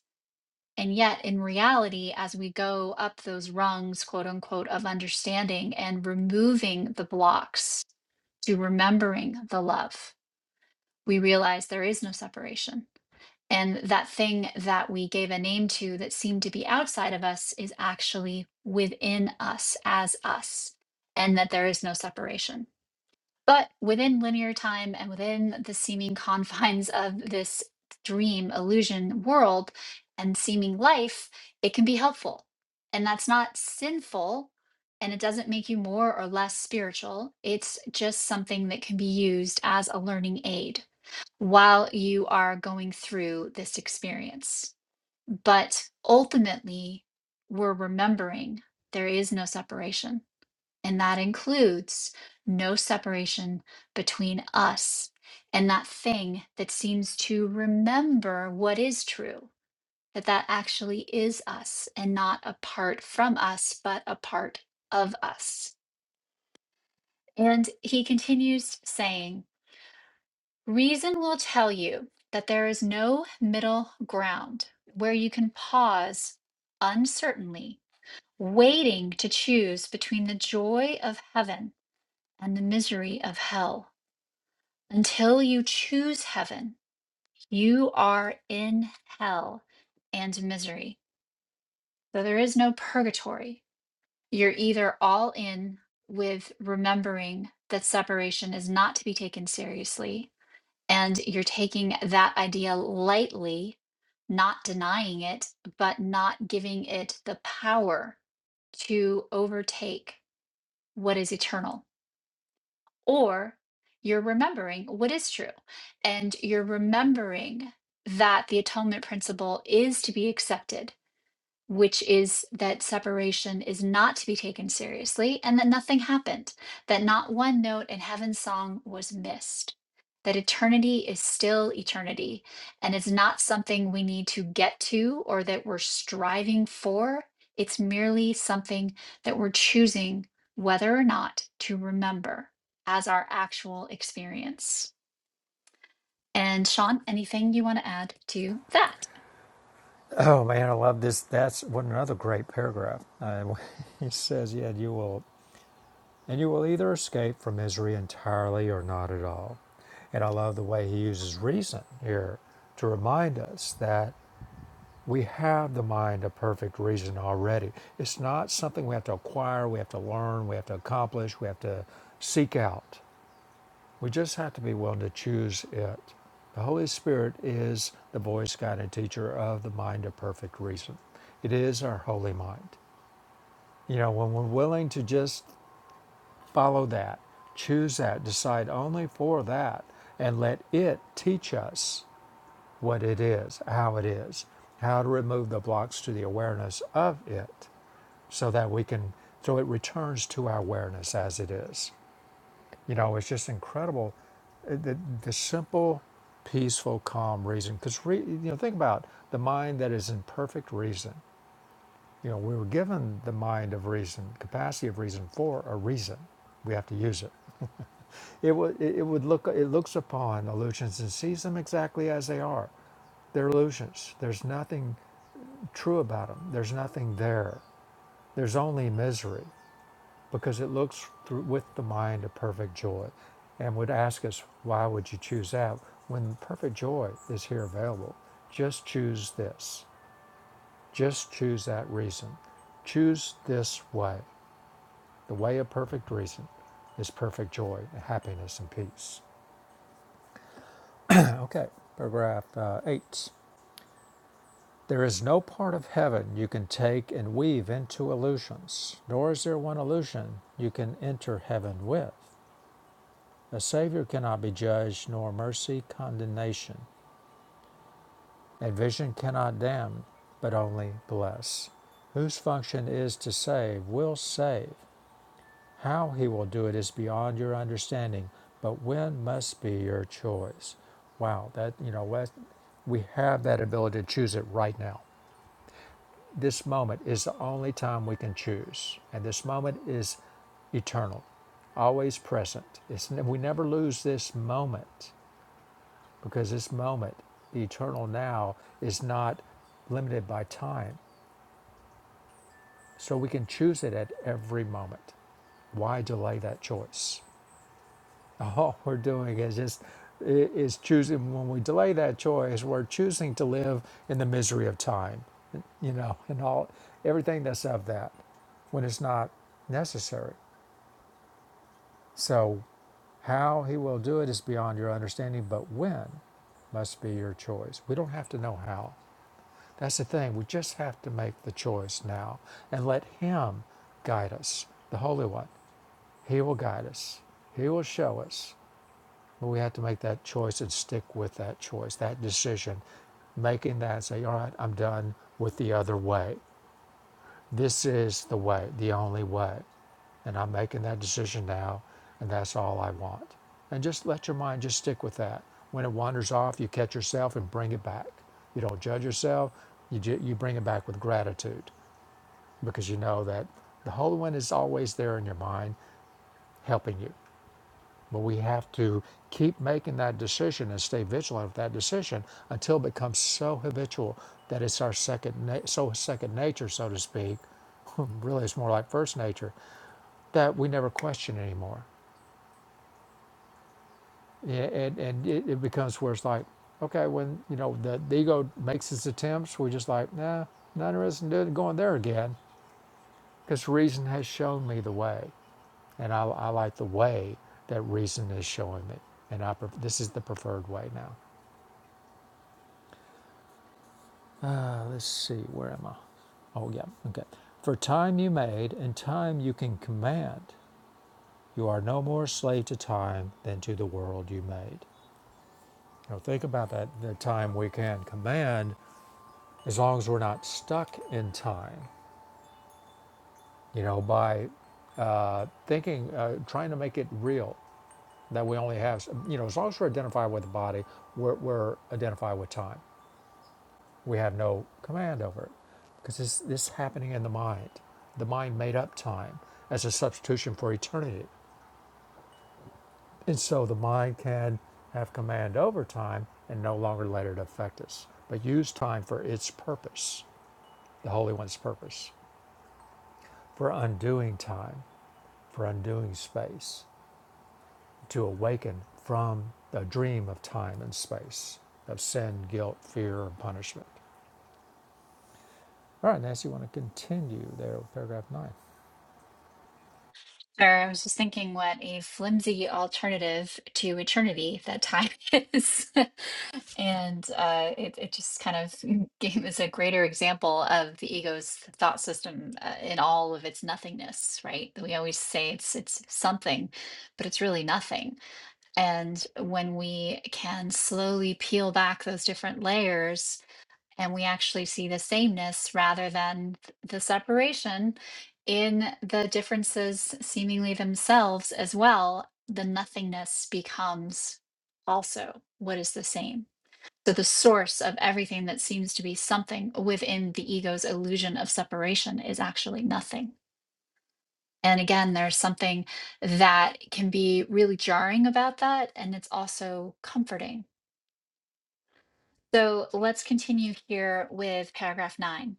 and yet, in reality, as we go up those rungs, quote unquote, of understanding and removing the blocks to remembering the love, we realize there is no separation. And that thing that we gave a name to that seemed to be outside of us is actually within us as us, and that there is no separation. But within linear time and within the seeming confines of this dream illusion world and seeming life, it can be helpful. And that's not sinful. And it doesn't make you more or less spiritual. It's just something that can be used as a learning aid while you are going through this experience. But ultimately, we're remembering there is no separation and that includes no separation between us and that thing that seems to remember what is true that that actually is us and not apart from us but a part of us and he continues saying reason will tell you that there is no middle ground where you can pause uncertainly waiting to choose between the joy of heaven and the misery of hell Until you choose heaven, you are in hell and misery. So there is no purgatory. You're either all in with remembering that separation is not to be taken seriously, and you're taking that idea lightly, not denying it, but not giving it the power to overtake what is eternal or you're remembering what is true and you're remembering that the atonement principle is to be accepted which is that separation is not to be taken seriously and that nothing happened, that not one note in heaven's song was missed, that eternity is still eternity and it's not something we need to get to or that we're striving for. It's merely something that we're choosing whether or not to remember as our actual experience. And Sean, anything you want to add to that?
Oh man, I love this. That's what another great paragraph. Uh, he says, "Yeah, you will. and you will either escape from misery entirely or not at all. And I love the way he uses reason here to remind us that we have the mind of perfect reason already. It's not something we have to acquire, we have to learn, we have to accomplish, we have to seek out. We just have to be willing to choose it. The Holy Spirit is the voice, guide, and teacher of the mind of perfect reason. It is our holy mind. You know, when we're willing to just Follow that, choose that, decide only for that, and let it teach us what it is, how it is, how to remove the blocks to the awareness of it so that we can, so it returns to our awareness as it is. You know, it's just incredible uh, the, the simple, peaceful, calm reason. Because, re, you know, think about the mind that is in perfect reason. You know, we were given the mind of reason, capacity of reason for a reason. We have to use it. It would it would look it looks upon illusions and sees them exactly as they are. They're illusions. There's nothing true about them. There's nothing there. There's only misery because it looks through with the mind of perfect joy, and would ask us why would you choose that when perfect joy is here available. Just choose this. Just choose that reason. Choose this way. The way of perfect reason is perfect joy, happiness, and peace. Okay, paragraph uh, 8. There is no part of heaven you can take and weave into illusions, nor is there one illusion you can enter heaven with. A Savior cannot be judged, nor mercy condemnation, and vision cannot damn, but only bless. Whose function is to save will save. How he will do it is beyond your understanding, but when must be your choice. Wow, that, you know, we have that ability to choose it right now. This moment is the only time we can choose, and this moment is eternal, always present. It's, we never lose this moment because this moment, the eternal now, is not limited by time. So we can choose it at every moment. Why delay that choice? all we're doing is just is choosing when we delay that choice we're choosing to live in the misery of time you know and all everything that's of that when it's not necessary so how he will do it is beyond your understanding but when must be your choice we don't have to know how that's the thing we just have to make the choice now and let him guide us the holy one he will guide us he will show us But we have to make that choice and stick with that choice, that decision, making that and say, all right, I'm done with the other way. This is the way, the only way. And I'm making that decision now, and that's all I want. And just let your mind just stick with that. When it wanders off, you catch yourself and bring it back. You don't judge yourself, you, ju- you bring it back with gratitude because you know that the Holy One is always there in your mind helping you. But we have to keep making that decision and stay vigilant of that decision until it becomes so habitual that it's our second, na- so second nature, so to speak. really, it's more like first nature that we never question anymore. Yeah, And, and it, it becomes where it's like, okay, when you know the, the ego makes its attempts, we're just like, nah, not interested in doing- going there again, because reason has shown me the way, and I, I like the way that reason is showing me, and I pref- this is the preferred way now. Uh, let's see, where am I? Oh, yeah, okay. For time you made, and time you can command. You are no more slave to time than to the world you made. Now, think about that the time we can command as long as we're not stuck in time, you know, by uh, thinking, uh, trying to make it real that we only have, you know, as long as we're identified with the body, we're, we're identified with time. We have no command over it because this this happening in the mind. The mind made up time as a substitution for eternity, and so the mind can have command over time and no longer let it affect us, but use time for its purpose, the Holy One's purpose, for undoing time, for undoing space, to awaken from the dream of time and space, of sin, guilt, fear, and punishment. All right, Nancy, you want to continue there with paragraph nine?
Sure, I was just thinking what a flimsy alternative to eternity that time is. And uh, it, it just kind of gave us a greater example of the ego's thought system uh, in all of its nothingness, right? We always say it's it's something, but it's really nothing. And when we can slowly peel back those different layers and we actually see the sameness rather than th- the separation in the differences seemingly themselves as well the nothingness becomes also what is the same so the source of everything that seems to be something within the ego's illusion of separation is actually nothing and again there's something that can be really jarring about that and it's also comforting so let's continue here with paragraph 9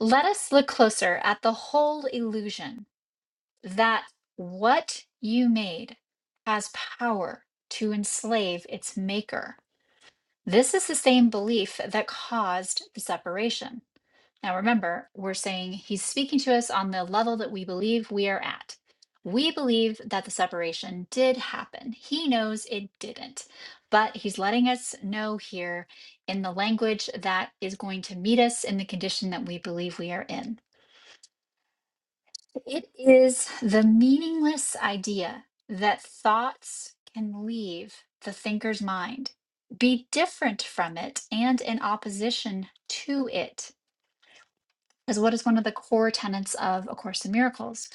Let us look closer at the whole illusion that what you made has power to enslave its maker. This is the same belief that caused the separation. Now, remember, we're saying he's speaking to us on the level that we believe we are at. We believe that the separation did happen. He knows it didn't, but he's letting us know here in the language that is going to meet us in the condition that we believe we are in. It is the meaningless idea that thoughts can leave the thinker's mind, be different from it, and in opposition to it is what is one of the core tenets of A Course in Miracles.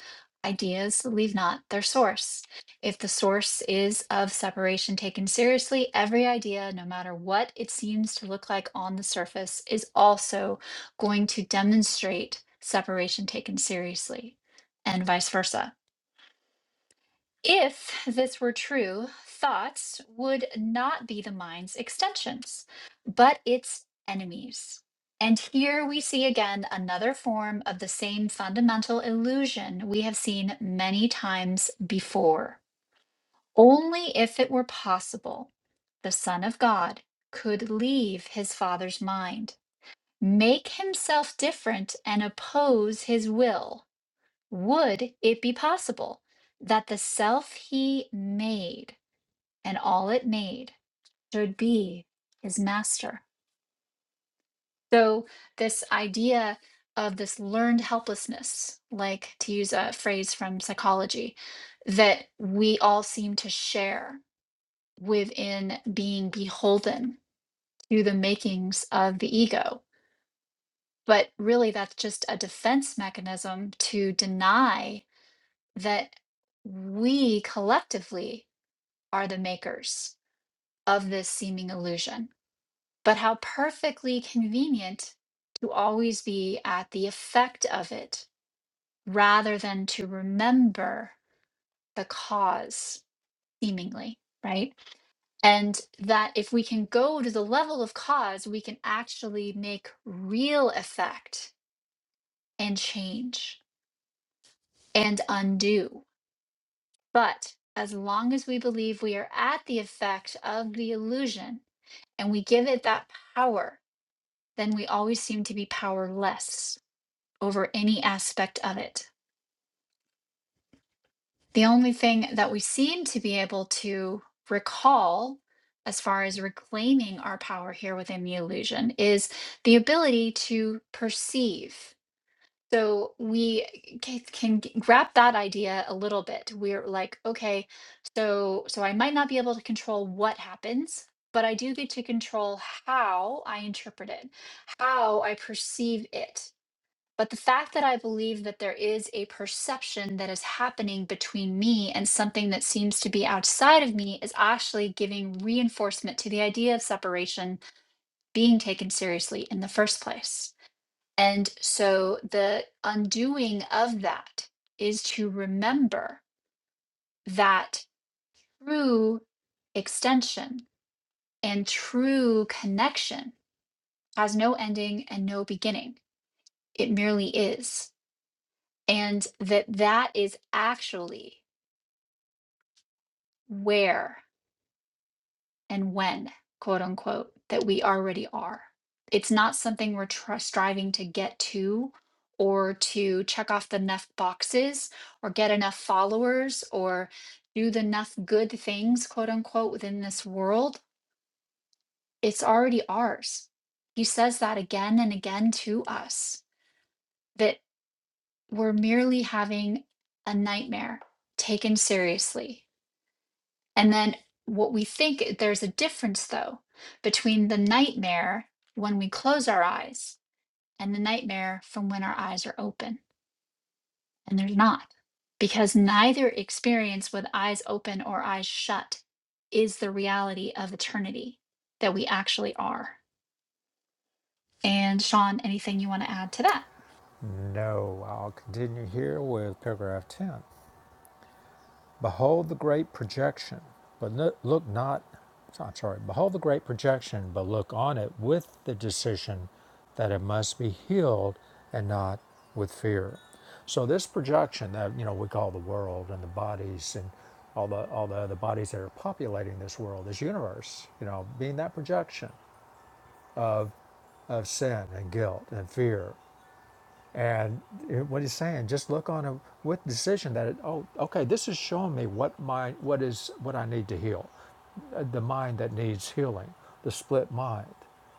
Ideas leave not their source. If the source is of separation taken seriously, every idea, no matter what it seems to look like on the surface, is also going to demonstrate separation taken seriously, and vice versa. If this were true, thoughts would not be the mind's extensions, but its enemies. And here we see again another form of the same fundamental illusion we have seen many times before. Only if it were possible, the Son of God could leave his Father's mind, make himself different, and oppose his will. Would it be possible that the self he made? and all it made should be his master. So, this idea of this learned helplessness, like to use a phrase from psychology, that we all seem to share within being beholden to the makings of the ego. But really, that's just a defense mechanism to deny that we collectively are the makers of this seeming illusion But how perfectly convenient to always be at the effect of it rather than to remember the cause, seemingly, right? And that if we can go to the level of cause, we can actually make real effect and change and undo. But as long as we believe we are at the effect of the illusion and we give it that power, then we always seem to be powerless over any aspect of it. The only thing that we seem to be able to recall as far as reclaiming our power here within the illusion is the ability to perceive. So we c- can g- wrap that idea a little bit. We're like, okay, so so I might not be able to control what happens, but I do get to control how I interpret it, how I perceive it. But the fact that I believe that there is a perception that is happening between me and something that seems to be outside of me is actually giving reinforcement to the idea of separation being taken seriously in the first place. And so the undoing of that is to remember that true extension and true connection has no ending and no beginning, it merely is. and that that is actually where and when quote unquote that we already are it's not something we're tr- striving to get to or to check off the enough boxes or get enough followers or do the enough good things quote unquote within this world it's already ours he says that again and again to us that we're merely having a nightmare taken seriously And then what we think there's a difference though between the nightmare when we close our eyes and the nightmare from when our eyes are open. And there's not because neither experience with eyes open or eyes shut is the reality of eternity that we actually are. And Sean, anything you want to add to that?
No, I'll continue here with paragraph 10. Behold the great projection, but no- look not, I'm sorry, behold the great projection, but look on it with the decision that it must be healed and not with fear. So this projection that you know we call the world and the bodies and all the all the other bodies that are populating this world, this universe, you know, being that projection of sin and guilt and fear And what he's saying, just look on it with decision that it, oh, okay, this is showing me what my what is what I need to heal, uh, the mind that needs healing, the split mind.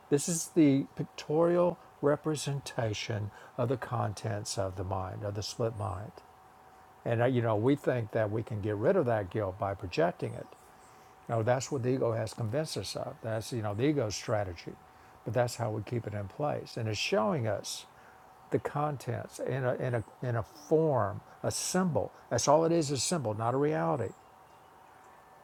This is the pictorial representation of the contents of the mind, of the split mind. And uh, you know, we think that we can get rid of that guilt by projecting it. No, that's what the ego has convinced us of. That's you know the ego's strategy, but that's how we keep it in place, and it's showing us the contents in a, in a, in a form, a symbol. That's all it is, a symbol, not a reality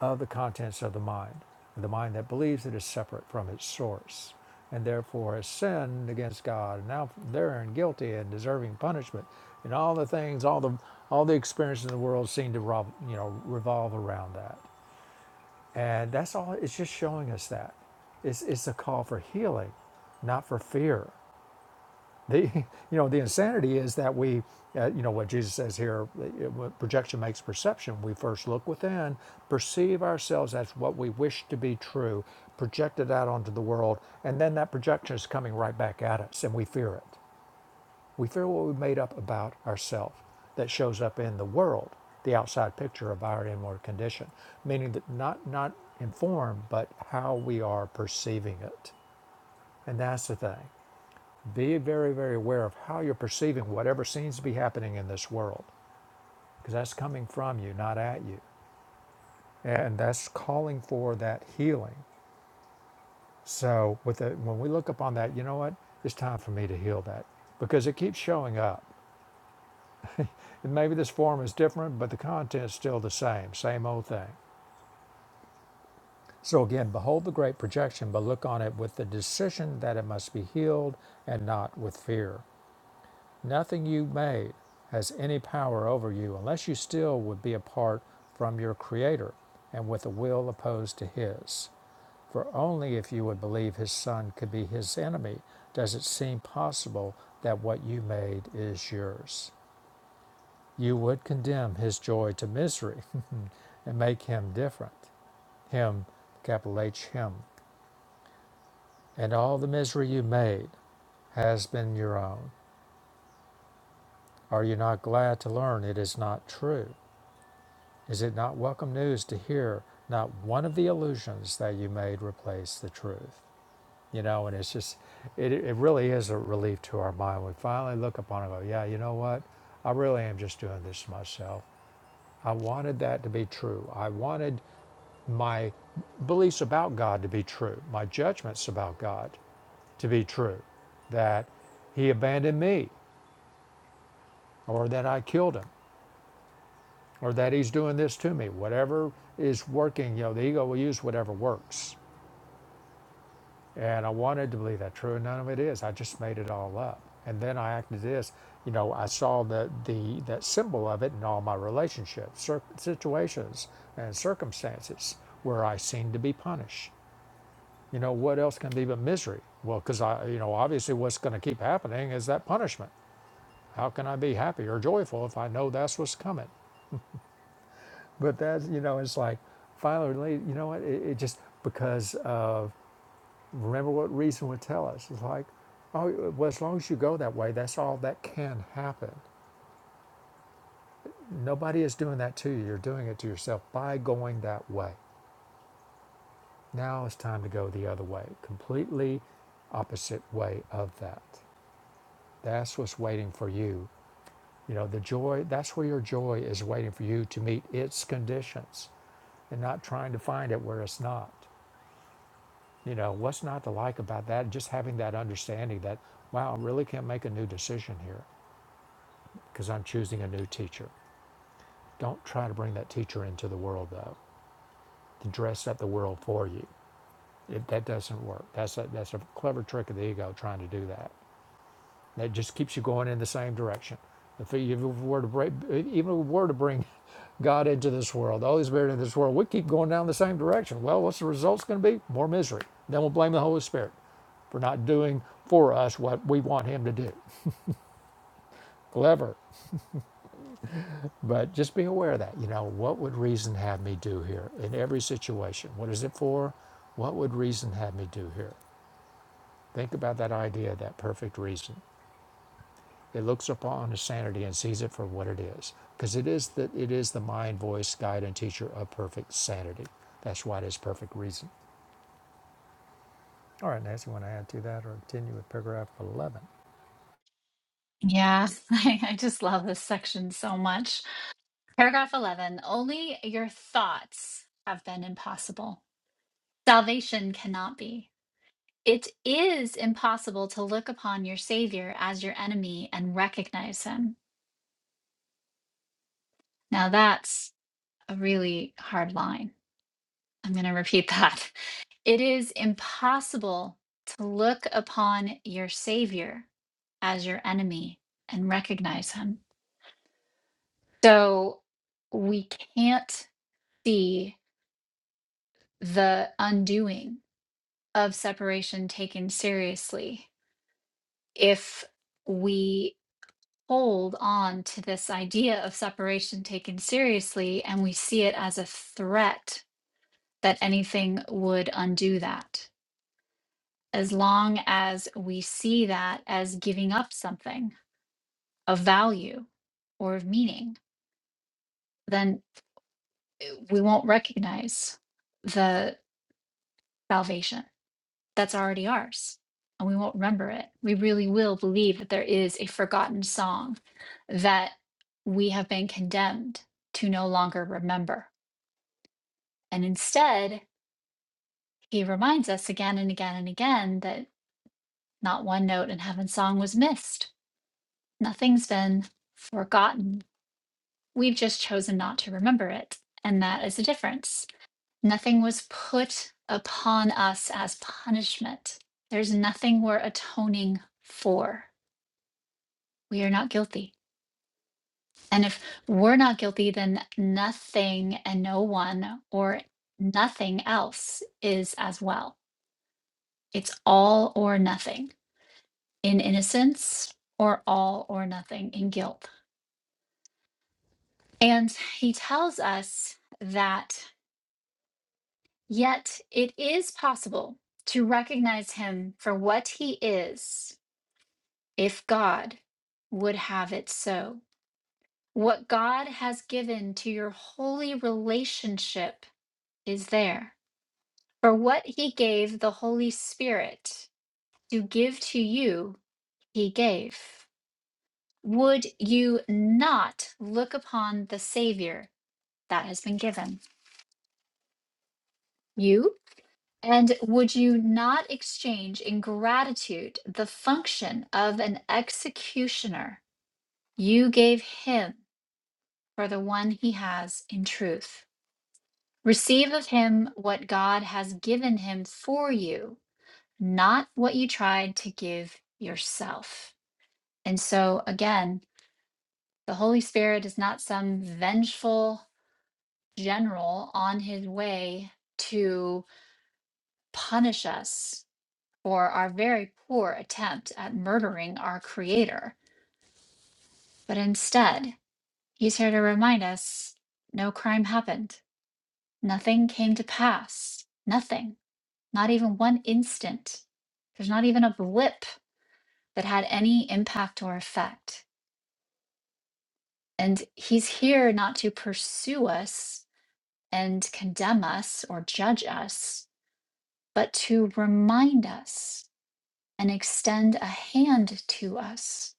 of the contents of the mind, the mind that believes it is separate from its source and therefore has sinned against God and now therein guilty and deserving punishment. And all the things, all the all the experiences in the world seem to rob, you know revolve around that. And that's all. It's just showing us that. It's, it's a call for healing, not for fear the you know the insanity is that we uh, you know what jesus says here it- projection makes perception we first look within perceive ourselves as what we wish to be true project it out onto the world and then that projection is coming right back at us and we fear it we fear what we made up about ourselves that shows up in the world the outside picture of our inward condition meaning that not not informed but how we are perceiving it and that's the thing be very, very aware of how you're perceiving whatever seems to be happening in this world, because that's coming from you, not at you. And that's calling for that healing. So with the, when we look upon that, you know what? It's time for me to heal that because it keeps showing up. And maybe this form is different, but the content's still the same, same old thing. So again, behold the great projection, but look on it with the decision that it must be healed and not with fear. Nothing you made has any power over you unless you still would be apart from your Creator and with a will opposed to His. For only if you would believe His Son could be His enemy does it seem possible that what you made is yours. You would condemn His joy to misery and make Him different. Him, capital H, Him. And all the misery you made has been your own. Are you not glad to learn it is not true? Is it not welcome news to hear not one of the illusions that you made replace the truth? You know, and it's just, it, it really is a relief to our mind. We finally look upon it and go, yeah, you know what? I really am just doing this to myself. I wanted that to be true. I wanted my beliefs about God to be true, my judgments about God to be true, that he abandoned me or that I killed him or that he's doing this to me. Whatever is working, you know, the ego will use whatever works And I wanted to believe that true, and none of it is. I just made it all up. And then I acted this. You know, I saw the, the that symbol of it in all my relationships, cir- situations, and circumstances where I seemed to be punished. You know, what else can be but misery? Well, because I, you know, obviously what's going to keep happening is that punishment. How can I be happy or joyful if I know that's what's coming? But that's, you know, it's like finally, you know what? It, it just because of. remember what reason would tell us. It's like, oh, well, as long as you go that way, that's all that can happen. Nobody is doing that to you. You're doing it to yourself by going that way. Now it's time to go the other way, completely opposite way of that. That's what's waiting for you. You know, the joy, that's where your joy is waiting for you to meet its conditions and not trying to find it where it's not. You know, what's not to like about that? Just having that understanding that, wow, I really can't make a new decision here. because I'm choosing a new teacher. Don't try to bring that teacher into the world, though, to dress up the world for you. It, that doesn't work. That's a, that's a clever trick of the ego trying to do that. That just keeps you going in the same direction. If you were to bring, even if we were to bring God into this world, the Holy Spirit into this world, we keep going down the same direction. Well, what's the results going to be? More misery. Then we'll blame the Holy Spirit for not doing for us what we want Him to do. Clever. But just be aware of that. You know, what would reason have me do here in every situation? What is it for? What would reason have me do here? Think about that idea, that perfect reason. It looks upon his sanity and sees it for what it is, because it is the it is the mind, voice, guide, and teacher of perfect sanity. That's why it is perfect reason. All right, Nancy, want to add to that or continue with paragraph eleven?
Yeah, I, I just love this section so much. Paragraph 11 Only your thoughts have been impossible. Salvation cannot be. It is impossible to look upon your Savior as your enemy and recognize him. Now, that's a really hard line. I'm going to repeat that. It is impossible to look upon your Savior as your enemy and recognize him. So, we can't see the undoing of separation taken seriously if we hold on to this idea of separation taken seriously and we see it as a threat that anything would undo that. As long as we see that as giving up something of value or of meaning, then eh, we won't recognize the salvation that's already ours and we won't remember it. We really will believe that there is a forgotten song that we have been condemned to no longer remember And instead, he reminds us again and again and again that not one note in Heaven's song was missed. Nothing's been forgotten. We've just chosen not to remember it. And that is the difference. Nothing was put upon us as punishment. There's nothing we're atoning for. We are not guilty. And if we're not guilty, then nothing and no one or nothing else is as well. It's all or nothing. in innocence or all or nothing in guilt. And he tells us that yet it is possible to recognize him for what he is if God would have it so. What God has given to your holy relationship is there. For what he gave the Holy Spirit to give to you, he gave. Would you not look upon the Savior that has been given you? And would you not exchange in gratitude the function of an executioner you gave him for the one he has in truth? Receive of him what God has given him for you, not what you tried to give yourself. And so, again, the Holy Spirit is not some vengeful general on his way to punish us Or our very poor attempt at murdering our Creator. But instead, He's here to remind us no crime happened, nothing came to pass, nothing, not even one instant. There's not even a blip that had any impact or effect. And He's here not to pursue us and condemn us or judge us, but to remind us and extend a hand to us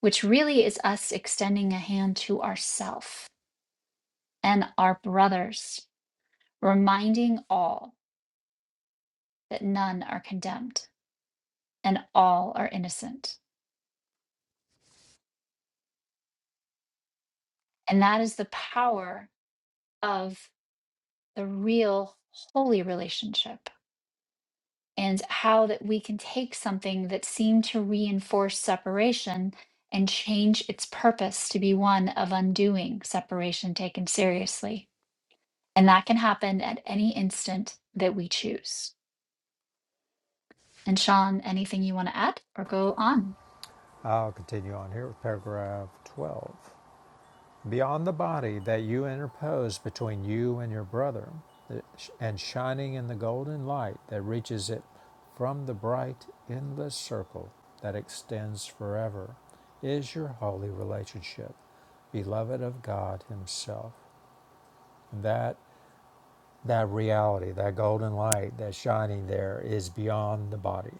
which really is us extending a hand to ourself and our brothers, reminding all that none are condemned and all are innocent. And that is the power of the real holy relationship and how that we can take something that seemed to reinforce separation and change its purpose to be one of undoing separation taken seriously. And that can happen at any instant that we choose. And Sean, anything you want to add or go on?
I'll continue on here with paragraph twelve. beyond the body that you interpose between you and your brother, and shining in the golden light that reaches it from the bright, endless circle that extends forever, is your holy relationship, beloved of God Himself. That that reality, that golden light that's shining there, is beyond the body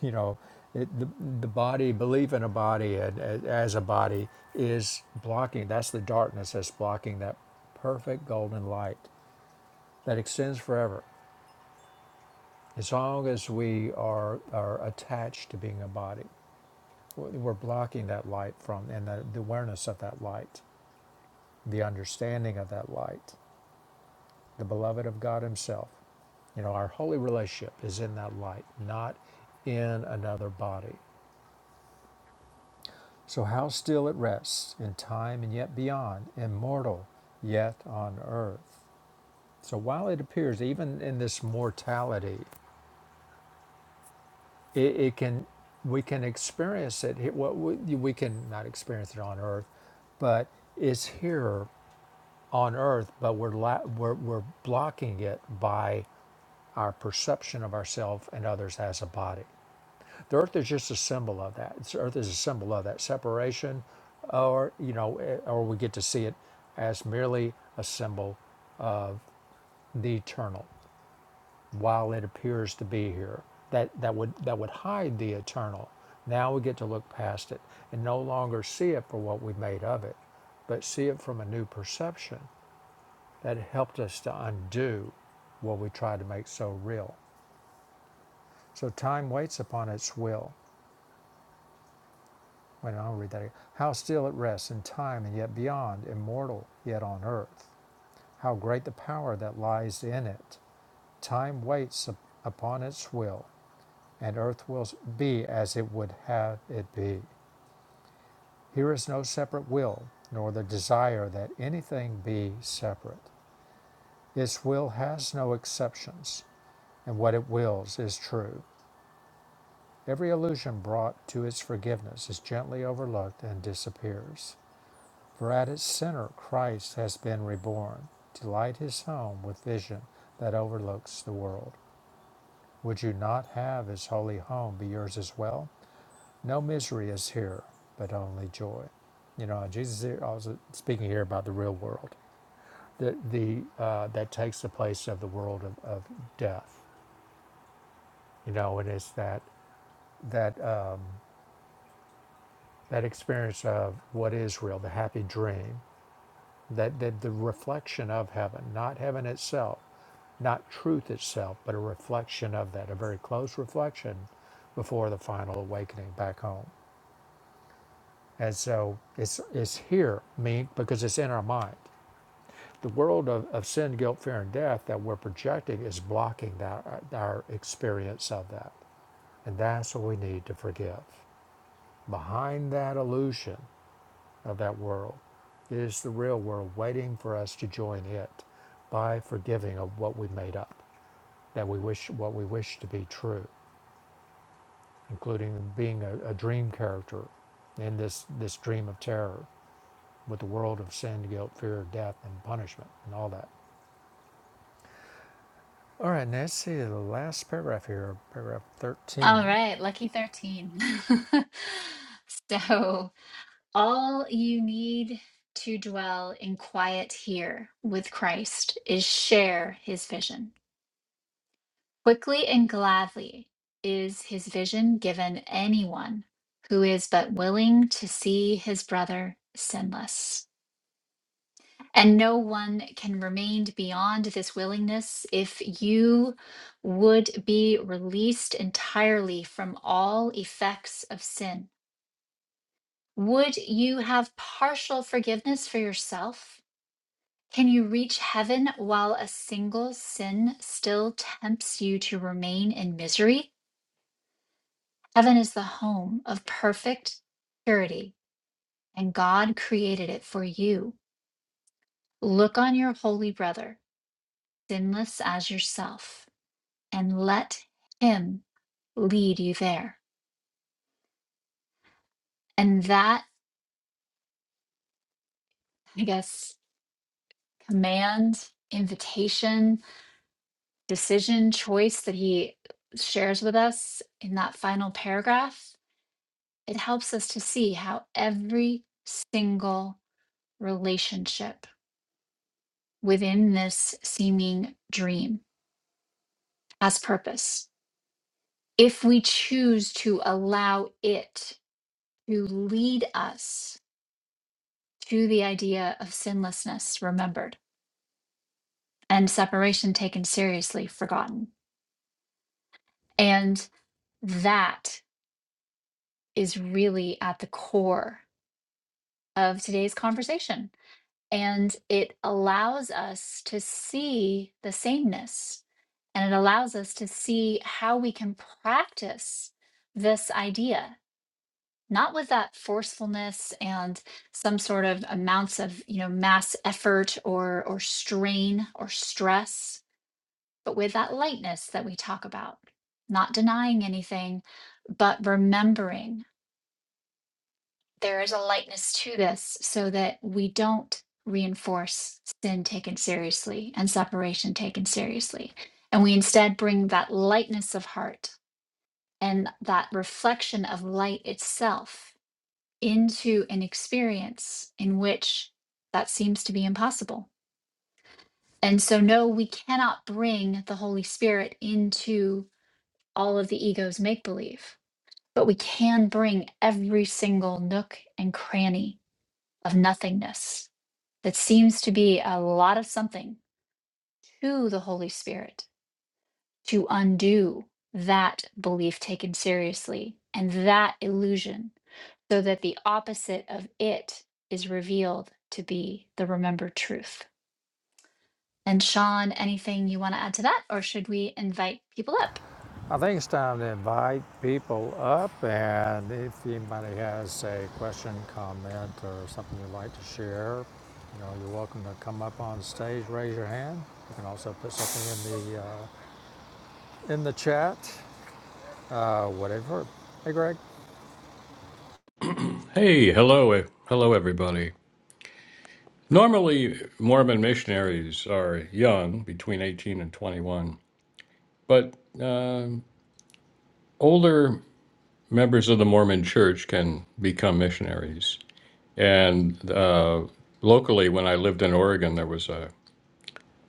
you know it, the, the body belief in a body and, a- as a body is blocking that's the darkness that's blocking that perfect golden light that extends forever as long as we are are attached to being a body we're we're blocking that light from and the, the awareness of that light the understanding of that light the beloved of god himself you know our holy relationship is in that light not in another body So how still it rests, in time and yet beyond, immortal yet on earth. So while it appears, even in this mortality, it, it can we can experience it. here- What we, we can not experience it on earth, but it's here on earth. But we're la- we're, we're blocking it by our perception of ourselves and others as a body. The earth is just a symbol of that. It's, earth is a symbol of that separation, or you know, eh, or we get to see it as merely a symbol, the eternal, while it appears to be here. That that would that would hide the eternal. Now we get to look past it and no longer see it for what we made of it, but see it from a new perception that helped us to undo what we tried to make so real. So time waits upon its will Wait, I'll read that again. How still it rests in time and yet beyond, immortal yet on earth. How great the power that lies in it. Time waits upon its will, and earth will be as it would have it be. Here is no separate will, nor the desire that anything be separate. Its will has no exceptions, and what it wills is true. Every illusion brought to its forgiveness is gently overlooked and disappears. For at its center Christ has been reborn to light his home with vision that overlooks the world. Would you not have his holy home be yours as well? No misery is here, but only joy. You know, Jesus is also speaking here about the real world, the, the, uh, that takes the place of the world of, of death. You know, and it's that, that, uh, that experience of what is real, the happy dream, that, that the reflection of heaven, not heaven itself not truth itself, but a reflection of that, a very close reflection before the final awakening back home. And so it's, it's here, mean, because it's in our mind. The world of, of sin, guilt, fear, and death that we're projecting is blocking that, uh, our experience of that. And that's what we need to forgive. Behind that illusion of that world is the real world waiting for us to join it by forgiving of what we made up, that we wish what we wish to be true including being a, a dream character in this, this dream of terror with the world of sin, guilt, fear, death, and punishment, and all that. All right, now let's see the last paragraph here, paragraph 13.
All right, lucky 13. so, all you need to dwell in quiet here with Christ is share his vision. Quickly and gladly is his vision given anyone who is but willing to see his brother sinless. And no one can remain beyond this willingness if you would be released entirely from all effects of sin. Would you have partial forgiveness for yourself? Can you reach heaven while a single sin still tempts you to remain in misery? Heaven is the home of perfect purity, and God created it for you. Look on your holy brother, sinless as yourself and let Him lead you there. And that, I guess, command, invitation, decision, choice that He shares with us in that final paragraph, it helps us to see how every single relationship within this seeming dream has purpose. If we choose to allow it to lead us to the idea of sinlessness remembered and separation taken seriously forgotten. And that is really at the core of today's conversation. And it allows us to see the sameness and it allows us to see how we can practice this idea not with that forcefulness and some sort of amounts of you know mass effort or or strain or stress but with that lightness that we talk about, not denying anything, but remembering there is a lightness to this so that we don't reinforce sin taken seriously and separation taken seriously. And we instead bring that lightness of heart and that reflection of light itself into an experience in which that seems to be impossible. And so, no, we cannot bring the Holy Spirit into all of the ego's make believe, but we can bring every single nook and cranny of nothingness that seems to be a lot of something to the Holy Spirit to undo that belief taken seriously and that illusion so that the opposite of it is revealed to be the remembered truth. And Sean, anything you want to add to that, or should we invite people up?
I think it's time to invite people up, and if anybody has a question, comment, or something you'd like to share, you know, you're welcome to come up on stage, raise your hand. You can also put something in the uh, in the chat, uh, whatever. Hey, Greg.
Hey, hello, e- hello, everybody. Normally, Mormon missionaries are young, between 18 and 21, but um older members of the Mormon church can become missionaries. And uh, locally, when I lived in Oregon, there was a,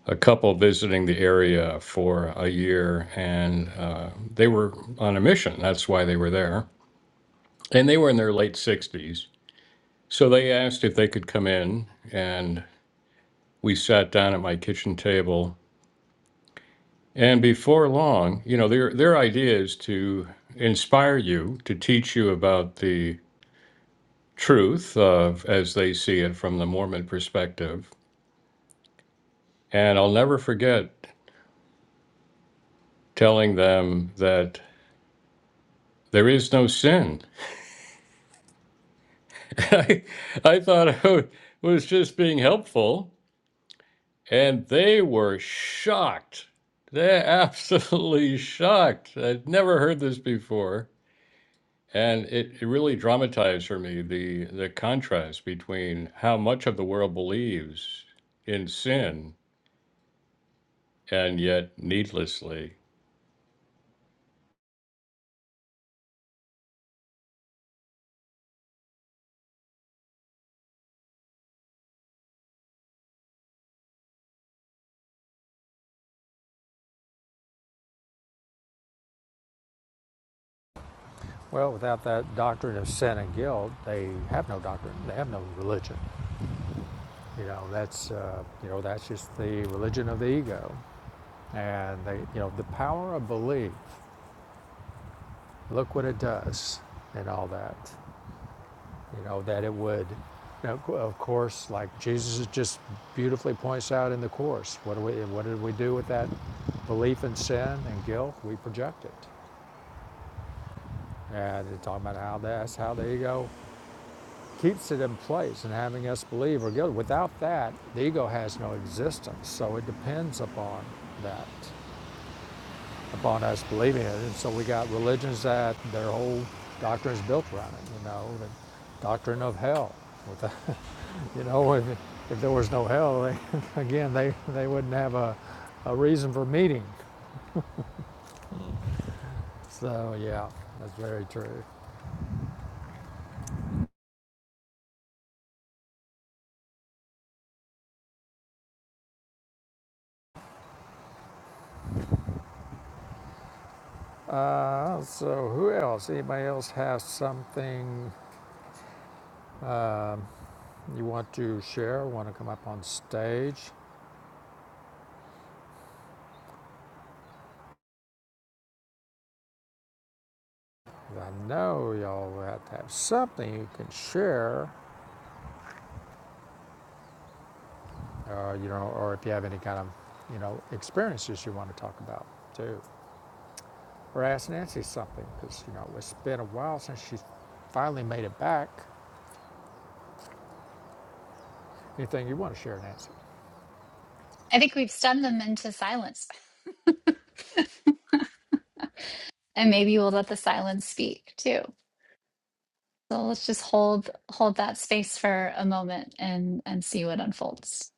a couple visiting the area for a year, and uh, they were on a mission. That's why they were there. And they were in their late 60s. So they asked if they could come in, and. we sat down at my kitchen table and before long you know their their idea is to inspire you to teach you about the truth of as they see it from the mormon perspective and i'll never forget telling them that there is no sin i, I thought i was just being helpful and they were shocked they're absolutely shocked i'd never heard this before And it, it really dramatized for me the the contrast between how much of the world believes in sin and yet needlessly.
Well, without that doctrine of sin and guilt, they have no doctrine. They have no religion. You know, that's uh, you know that's just the religion of the ego, and they you know the power of belief. Look what it does, and all that. You know that it would. You know, of course, like Jesus just beautifully points out in the course. What do we what did we do with that belief in sin and guilt? We project it, and it's talking about how that's how the ego keeps it in place and having us believe we're guilty. Without that, the ego has no existence. So it depends upon that, upon us believing it. And so we got religions that their whole doctrine is built around it, you know, the doctrine of hell. Without, you know, if, if there was no hell, they, again, they, they wouldn't have a, a reason for meeting. So, yeah, that's very true. Uh, so, who else? Anybody else has something? You want to share, want to come up on stage? I know y'all have to have something you can share, uh, you know, or if you have any kind of, you know, experiences you want to talk about too. Or ask Nancy something, because, you know, it's been a while since she finally made it back. Anything you want to share, Nancy?
I think we've stunned them into silence. And maybe we'll let the silence speak too. So let's just hold hold that space for a moment and and see what unfolds.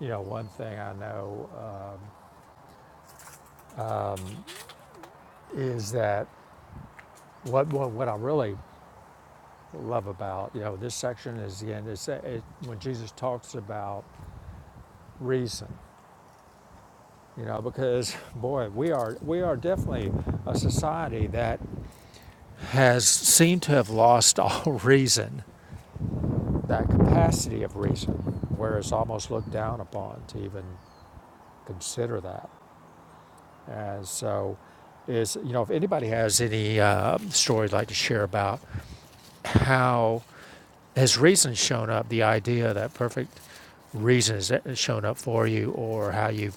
You know, one thing I know um, is that what, what, what I really love about, you know, this section is again, it's, it, when Jesus talks about reason you know because boy we are we are definitely a society that has seemed to have lost all reason that capacity of reason where it's almost looked down upon to even consider that and so is you know if anybody has any uh, story they'd like to share about how has reason shown up the idea that perfect reason has shown up for you or how you've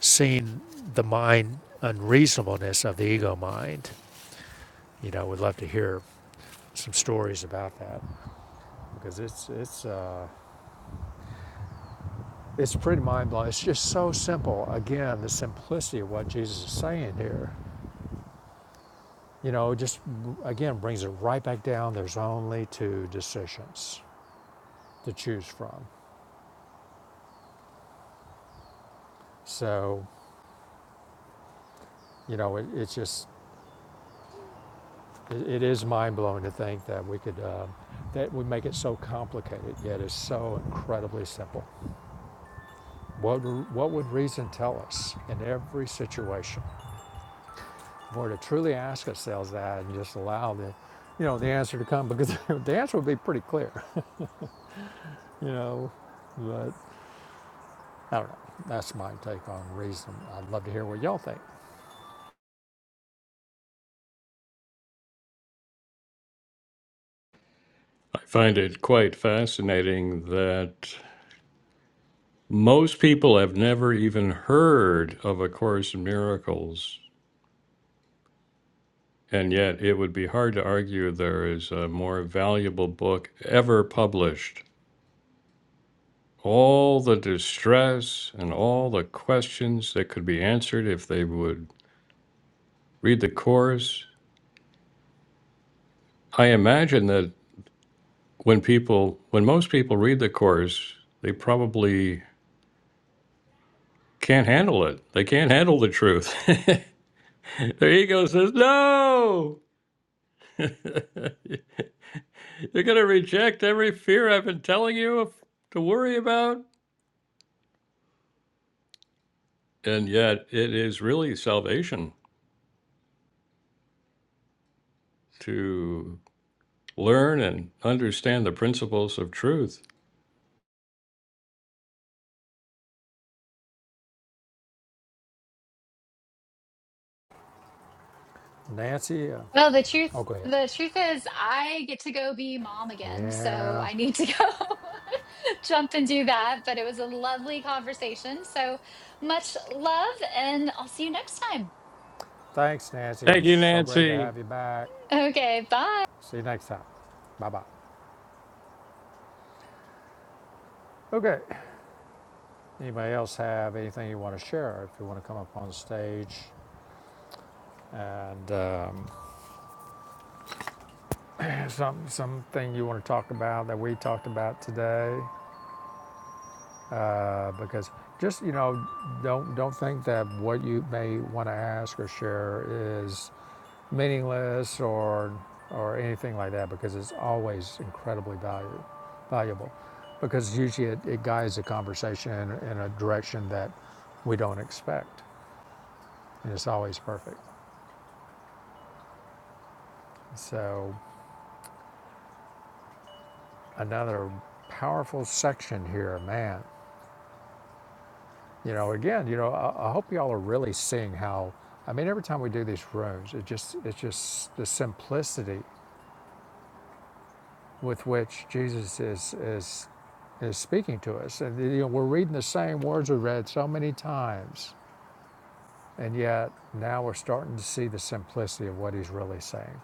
seen the mind unreasonableness of the ego mind you know, would love to hear some stories about that because it's it's uh, it's pretty mind blowing. It's just so simple. Again, the simplicity of what Jesus is saying here, you know, just again brings it right back down. There's only two decisions to choose from. So, you know, it, it's just it, it is mind blowing to think that we could uh, that we make it so complicated, yet it's so incredibly simple. What what would reason tell us in every situation? Or to truly ask ourselves that and just allow the, you know, the answer to come because the answer would be pretty clear, you know. But I don't know. That's my take on reason. I'd love to hear what y'all think.
I find it quite fascinating that most people have never even heard of A Course in Miracles, and yet it would be hard to argue there is a more valuable book ever published. All the distress and all the questions that could be answered if they would read the Course I imagine that when people, when most people read the course, they probably can't handle it. They can't handle the truth. Their ego says, no! You're going to reject every fear I've been telling you of- to worry about. And yet, it is really salvation to learn and understand the principles of truth.
Nancy, uh,
Well, the
oh,
truth
go ahead.
the truth is I get to go be mom again, so
Yeah.
I need to go jump and do that, but it was a lovely conversation. So much love and I'll see you next time.
Thanks, Nancy. It
Thank
was
you,
so great to
Nancy.
have you back.
Okay, bye.
See you next time. Bye bye. Okay. Anybody else have anything you want to share? If you want to come up on stage and um, some something you want to talk about that we talked about today, uh, because just you know don't don't think that what you may want to ask or share is meaningless or or anything like that because it's always incredibly valuable valuable because usually it, it guides the conversation in, in a direction that we don't expect and it's always perfect so another powerful section here man You know, again, you know, I, I hope y'all are really seeing how. I mean, every time we do these rooms, it just it's just the simplicity with which Jesus is is is speaking to us, and you know, we're reading the same words we read so many times, and yet now we're starting to see the simplicity of what he's really saying.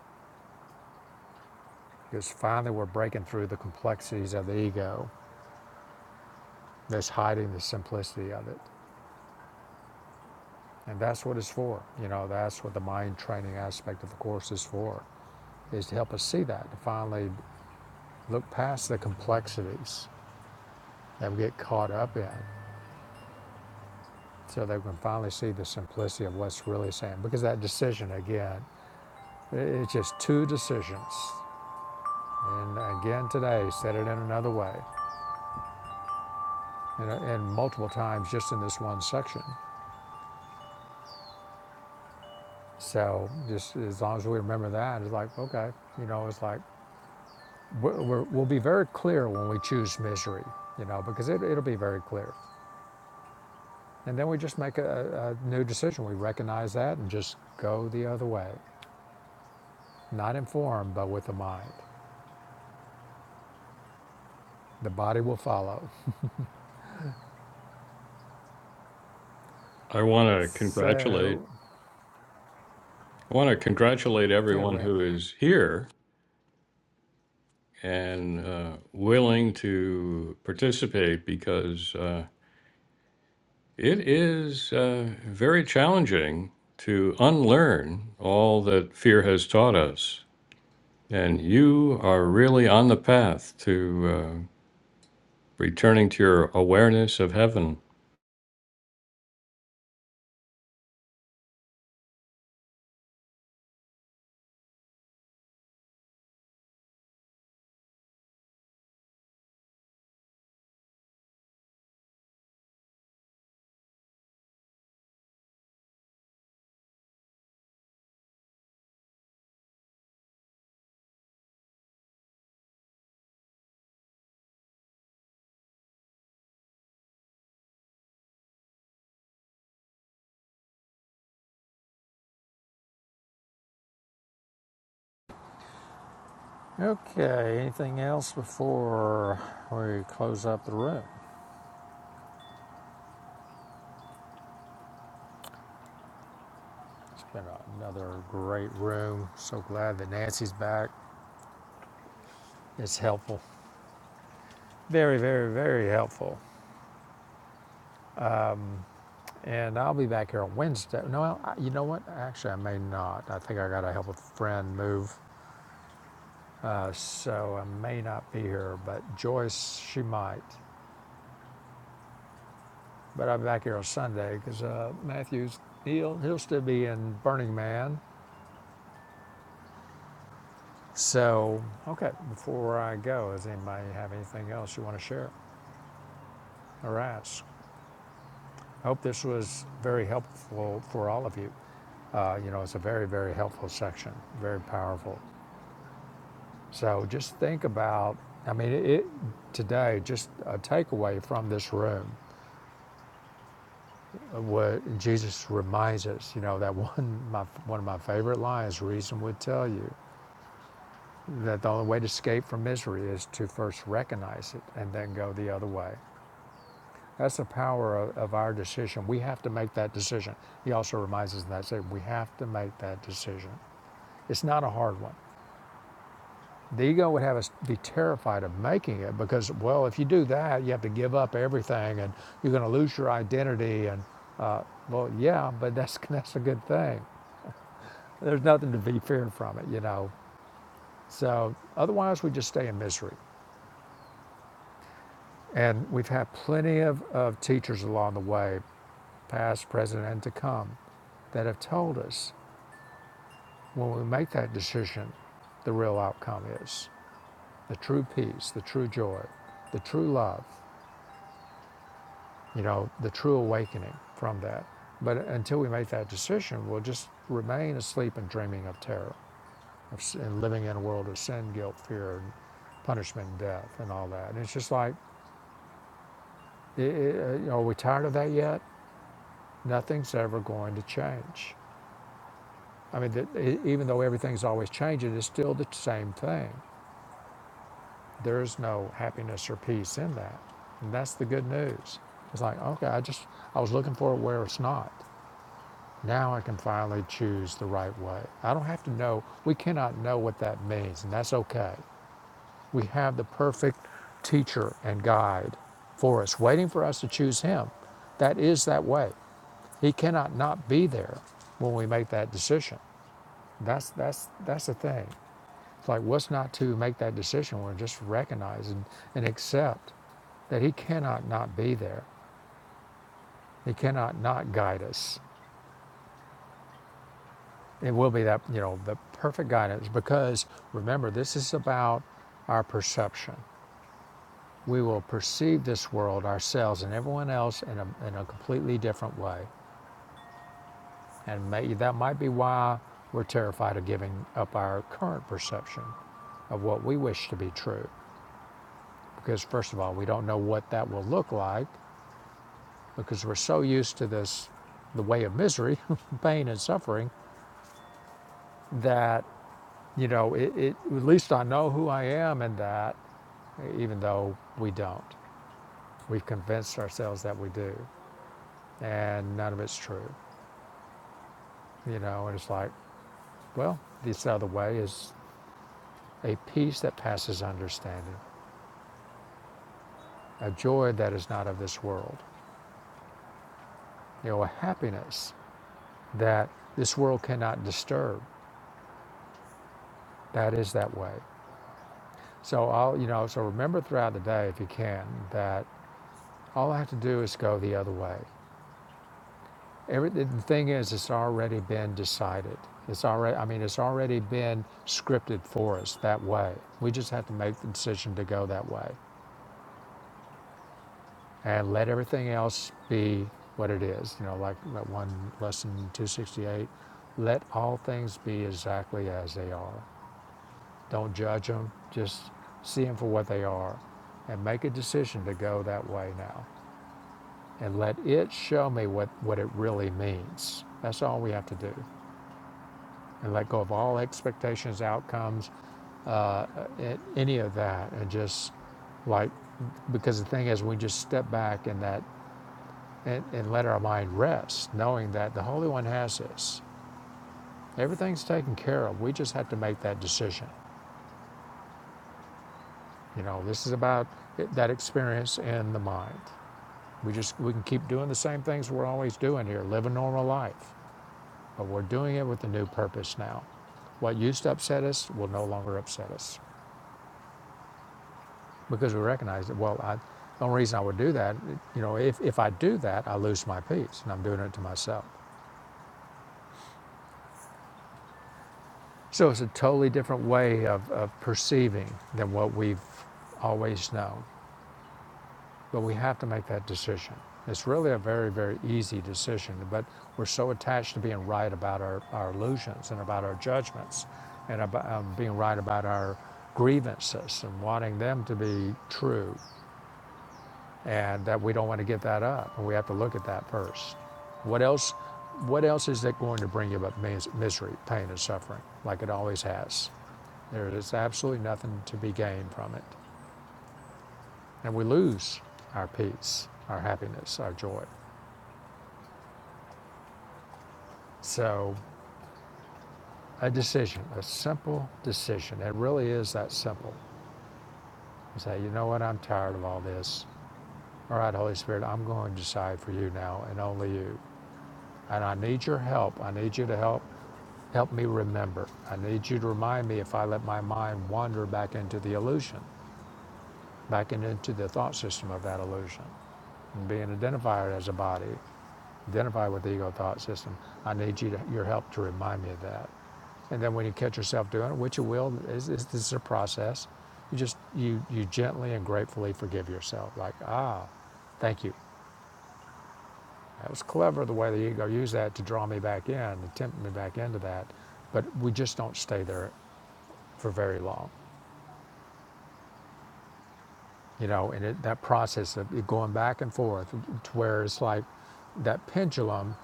Because finally, we're breaking through the complexities of the ego that's hiding the simplicity of it, and that's what it's for. You know, that's what the mind training aspect of the course is for. is to help us see that, to finally look past the complexities that we get caught up in so that we can finally see the simplicity of what's really saying. Because that decision, again, it's just two decisions. And again, today, said it in another way, and, and multiple times just in this one section. So, just as long as we remember that, it's like, okay, you know, it's like we're, we're, we'll be very clear when we choose misery, you know, because it, it'll be very clear. And then we just make a, a new decision. We recognize that and just go the other way. Not informed, but with the mind. The body will follow.
I want to congratulate.
So,
I want to congratulate
yeah, go
everyone
ahead.
who is here and uh, willing to participate because uh, it is uh, very challenging to unlearn all that fear has taught us. And you are really on the path to uh, returning to your awareness of heaven.
Okay, anything else before we close up the room? It's been another great room. So glad that Nancy's back. It's helpful. Very, very, very helpful. And I'll be back here on Wednesday. No, I- you know what? Actually, I may not. I think I got to help a friend move Uh, so I may not be here, but Joyce, she might. But I'll be back here on Sunday because uh, Matthews, he'll, he'll still be in Burning Man. So, okay, before I go, does anybody have anything else you want to share or ask? I hope this was very helpful for all of you. Uh, you know, it's a very, very helpful section, very powerful. So just think about, I mean, it, it, today, just a takeaway from this room what Jesus reminds us, you know, that one, my, one of my favorite lines, reason would tell you that the only way to escape from misery is to first recognize it and then go the other way. That's the power of, of our decision. We have to make that decision. He also reminds us in that statement, we have to make that decision. It's not a hard one. The ego would have us be terrified of making it because, well, if you do that, you have to give up everything and you're going to lose your identity. And, uh, well, yeah, but that's, that's a good thing There's nothing to be feared from it, you know. So otherwise, we just stay in misery. And we've had plenty of, of teachers along the way, past, present, and to come, that have told us when we make that decision, the real outcome is the true peace, the true joy, the true love, you know, the true awakening from that. But until we make that decision, we'll just remain asleep and dreaming of terror. of, s- and living in a world of sin, guilt, fear, and punishment, and death, and all that. And it's just like, i i uh, are we tired of that yet? Nothing's ever going to change. I mean, that, e- even though everything's always changing, it's still the same thing. There's no happiness or peace in that. And that's the good news. It's like, okay, I just, I was looking for it where it's not. Now I can finally choose the right way. I don't have to know, we cannot know what that means, and that's okay. We have the perfect teacher and guide for us, waiting for us to choose him. That is that way. He cannot not be there when we make that decision. That's that's that's the thing. It's like what's not to make that decision We're just recognize and accept that he cannot not be there. He cannot not guide us. It will be that, you know, the perfect guidance because remember this is about our perception. we will perceive this world, ourselves, and everyone else in a, in a completely different way. And may, that might be why we're terrified of giving up our current perception of what we wish to be true. Because, first of all, we don't know what that will look like because we're so used to this, the way of misery, pain, and suffering, that, you know, it, it, at least I know who I am in that, even though we don't. We've convinced ourselves that we do, and none of it's true. You know, and it's like, well, this other way is a peace that passes understanding, a joy that is not of this world, you know, a happiness that this world cannot disturb. That is that way. So I'll, you know, so remember throughout the day, if you can, that all I have to do is go the other way. Every, the thing is, it's already been decided. It's already, I mean, it's already been scripted for us that way. We just have to make the decision to go that way. and let everything else be what it is. You know, like that one lesson 268 let all things be exactly as they are. Don't judge them, just see them for what they are and make a decision to go that way now. And let it show me what, what it really means. That's all we have to do. And let go of all expectations, outcomes, uh, uh, any of that, and just like because the thing is, we just step back in that and, and let our mind rest, knowing that the Holy One has this. Everything's taken care of. We just have to make that decision. You know, this is about that experience in the mind. We just we can keep doing the same things we're always doing here, live a normal life, but we're doing it with a new purpose now. What used to upset us will no longer upset us because we recognize that. Well, I, the only reason I would do that, you know, if if I do that, I lose my peace, and I'm doing it to myself. So it's a totally different way of, of perceiving than what we've always known. But we have to make that decision. It's really a very, very easy decision, but we're so attached to being right about our, our illusions and about our judgments and about um, being right about our grievances and wanting them to be true and uh, we don't want to give that up, and we have to look at that first. What else? What else is it going to bring you but misery, pain, and suffering, like it always has? There is absolutely nothing to be gained from it, and we lose our peace, our happiness, our joy. So, a decision, a simple decision. It really is that simple. You say, you know what? I'm tired of all this. All right, Holy Spirit, I'm going to decide for you now and only you. And I need your help. I need you to help Help me remember. I need you to remind me if I let my mind wander back into the illusion, back into the thought system of that illusion. And being identified as a body, identified with the ego thought system, I need you to, your help to remind me of that. And then when you catch yourself doing it, which you will, is, is this is a process. You just you you gently and gratefully forgive yourself. Like ah, thank you. That was clever the way the ego used that to draw me back in, to tempt me back into that. But we just don't stay there for very long, you know, and it, that process of it going back and forth to where it's like that pendulum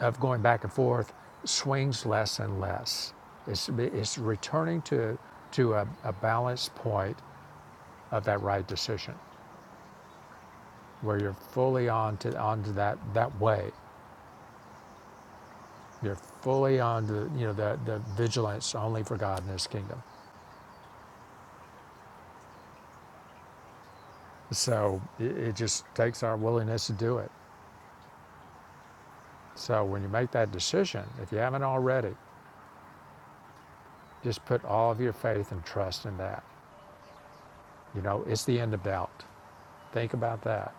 of going back and forth swings less and less. It's, it's returning to, to a, a balanced point of that right decision where you're fully on to, onto that, that way. You're fully on the, you know, the, the vigilance only for God and his kingdom. So it, it just takes our willingness to do it. So when you make that decision, if you haven't already, Just put all of your faith and trust in that. You know, it's the end of doubt. Think about that.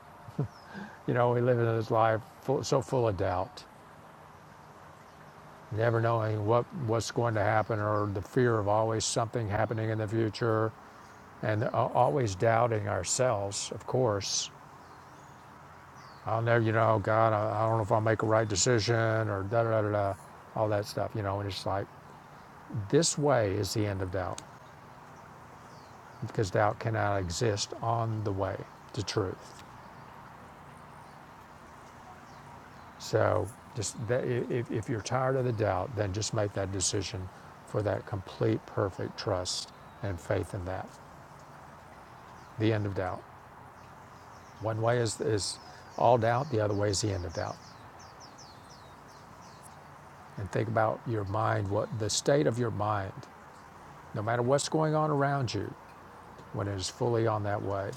You know, we live in this life full, so full of doubt, never knowing what what's going to happen, or the fear of always something happening in the future, and uh, always doubting ourselves. Of course, I'll never, you know, God, I, I don't know if I'll make a right decision, or da da da da, da, all that stuff. You know, and it's like this way is the end of doubt, because doubt cannot exist on the way to truth. So just that, if, if you're tired of the doubt, then just make that decision for that complete, perfect trust and faith in that. The end of doubt. One way is, is all doubt, the other way is the end of doubt. And think about your mind, what the state of your mind, no matter what's going on around you, when it is fully on that way.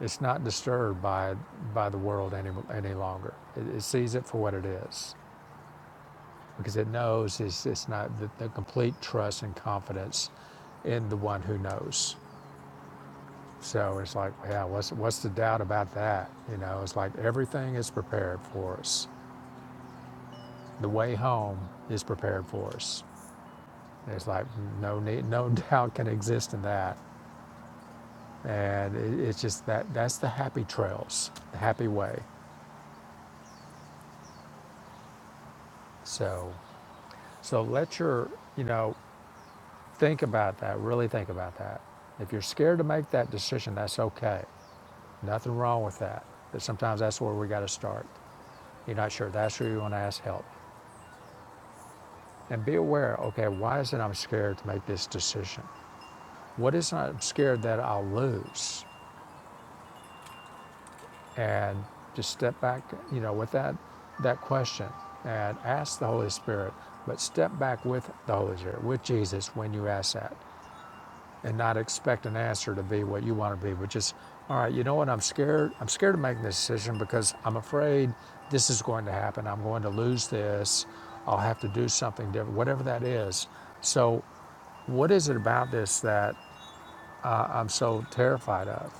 It's not disturbed by, by the world any, any longer. It, it sees it for what it is. because it knows it's, it's not the, the complete trust and confidence in the one who knows. So it's like, yeah, what's, what's the doubt about that? You know, it's like everything is prepared for us. The way home is prepared for us. It's like no need, no doubt can exist in that. And it, it's just that that's the happy trails, the happy way. So, so let your, you know, think about that. Really think about that. If you're scared to make that decision, that's okay. Nothing wrong with that, but sometimes that's where we got to start. You're not sure, that's where you want to ask help. And be aware okay, why is it I'm scared to make this decision? What is it I'm scared that I'll lose? And just step back, you know, with that, that question and ask the Holy Spirit, but step back with the Holy Spirit, with Jesus when you ask that. and not expect an answer to be what you want to be, but just, all right, you know what? I'm scared. I'm scared of making this decision because I'm afraid this is going to happen. I'm going to lose this. I'll have to do something different, whatever that is. So, what is it about this that uh, I'm so terrified of?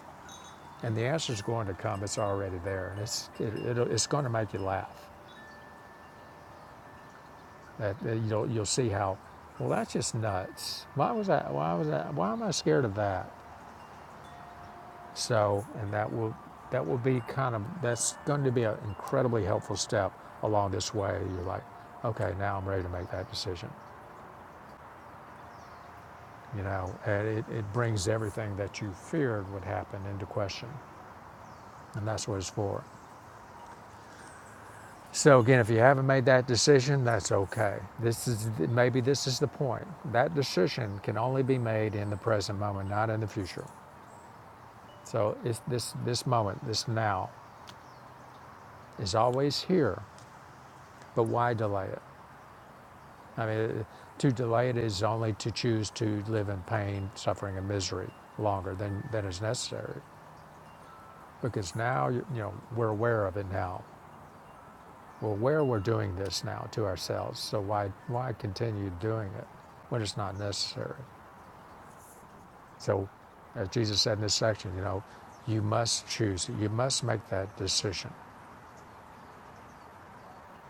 And the answer is going to come. It's already there, and it's it, it'll, it's going to make you laugh. that you'll you'll see how. Well, that's just nuts. Why was that? Why was that? Why am I scared of that? So, and that will, that will be kind of, that's going to be an incredibly helpful step along this way. You're like, okay, now I'm ready to make that decision. You know, and it, it brings everything that you feared would happen into question, and that's what it's for. So again, if you haven't made that decision, that's okay. This is maybe this is the point. That decision can only be made in the present moment, not in the future. So it's this this moment, this now, is always here. But why delay it? I mean, to delay it is only to choose to live in pain, suffering, and misery longer than, than is necessary. Because now, you know, we're aware of it now. We're aware we're doing this now to ourselves. So why, why continue doing it when it's not necessary? So, as Jesus said in this section, you know, you must choose. it. You must make that decision.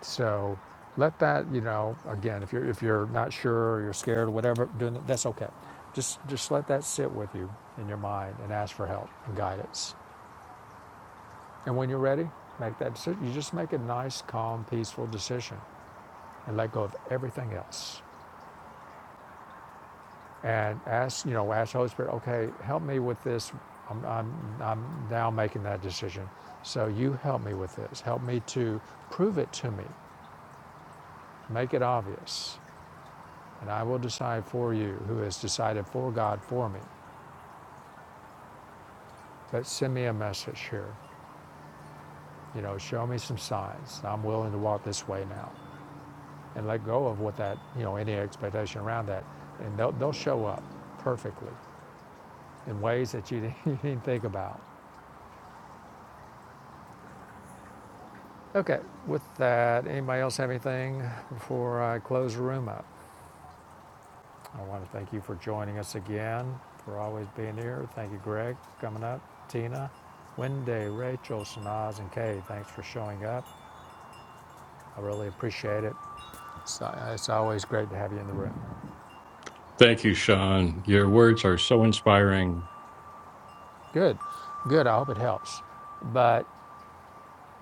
So let that, you know, again, if you're if you're not sure or you're scared or whatever, doing that, that's okay. Just just let that sit with you in your mind and ask for help and guidance. And when you're ready, make that decision. You just make a nice, calm, peaceful decision and let go of everything else. And ask, you know, ask the Holy Spirit, okay, help me with this. I'm, I'm, I'm now making that decision. So you help me with this. Help me to prove it to me. Make it obvious and I will decide for you who has decided for God for me. But send me a message here. You know, show me some signs. I'm willing to walk this way now and let go of what that, you know, any expectation around that. And they'll, they'll show up perfectly in ways that you didn't, you didn't think about. Okay, with that, anybody else have anything before I close the room up? I want to thank you for joining us again, for always being here. Thank you, Greg, for coming up, Tina, Wendy, Rachel, Sanaz, and Kay. Thanks for showing up. I really appreciate it. It's, uh, it's always great to have you in the room.
Thank you, Sean. Your words are so inspiring.
Good, good. I hope it helps. But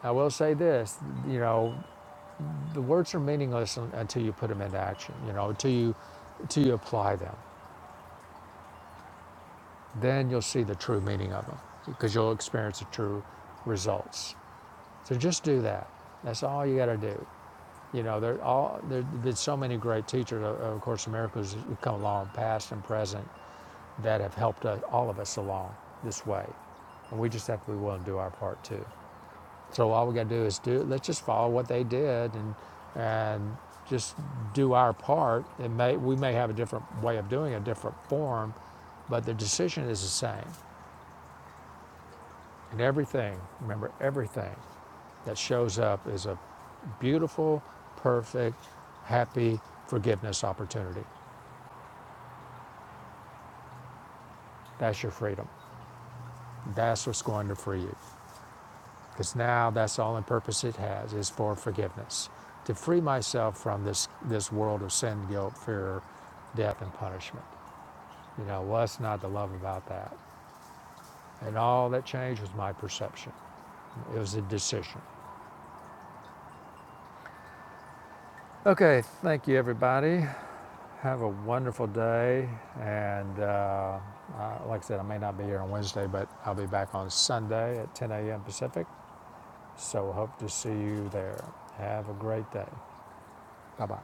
I will say this: you know, the words are meaningless until you put them into action. You know, until you, until you apply them, then you'll see the true meaning of them because you'll experience the true results. So just do that. That's all you got to do. You know, there all there have been so many great teachers. Of- course, America's come along, past and present, that have helped us, all of us along this way, and we just have to be willing to do our part too. So all we got to do is do. Let's just follow what they did and and just do our part. It may we may have a different way of doing it, a different form, but the decision is the same. And everything, remember everything that shows up is a beautiful, perfect, happy forgiveness opportunity. That's your freedom. That's what's going to free you. Because now that's the only purpose it has is for forgiveness. To free myself from this, this world of sin, guilt, fear, death, and punishment. You know, what's not to love about that? And all that changed was my perception. It was a decision. Okay, thank you, everybody. Have a wonderful day. And uh, uh, like I said, I may not be here on Wednesday, but I'll be back on Sunday at 10 a.m. Pacific. So hope to see you there. Have a great day. Bye bye.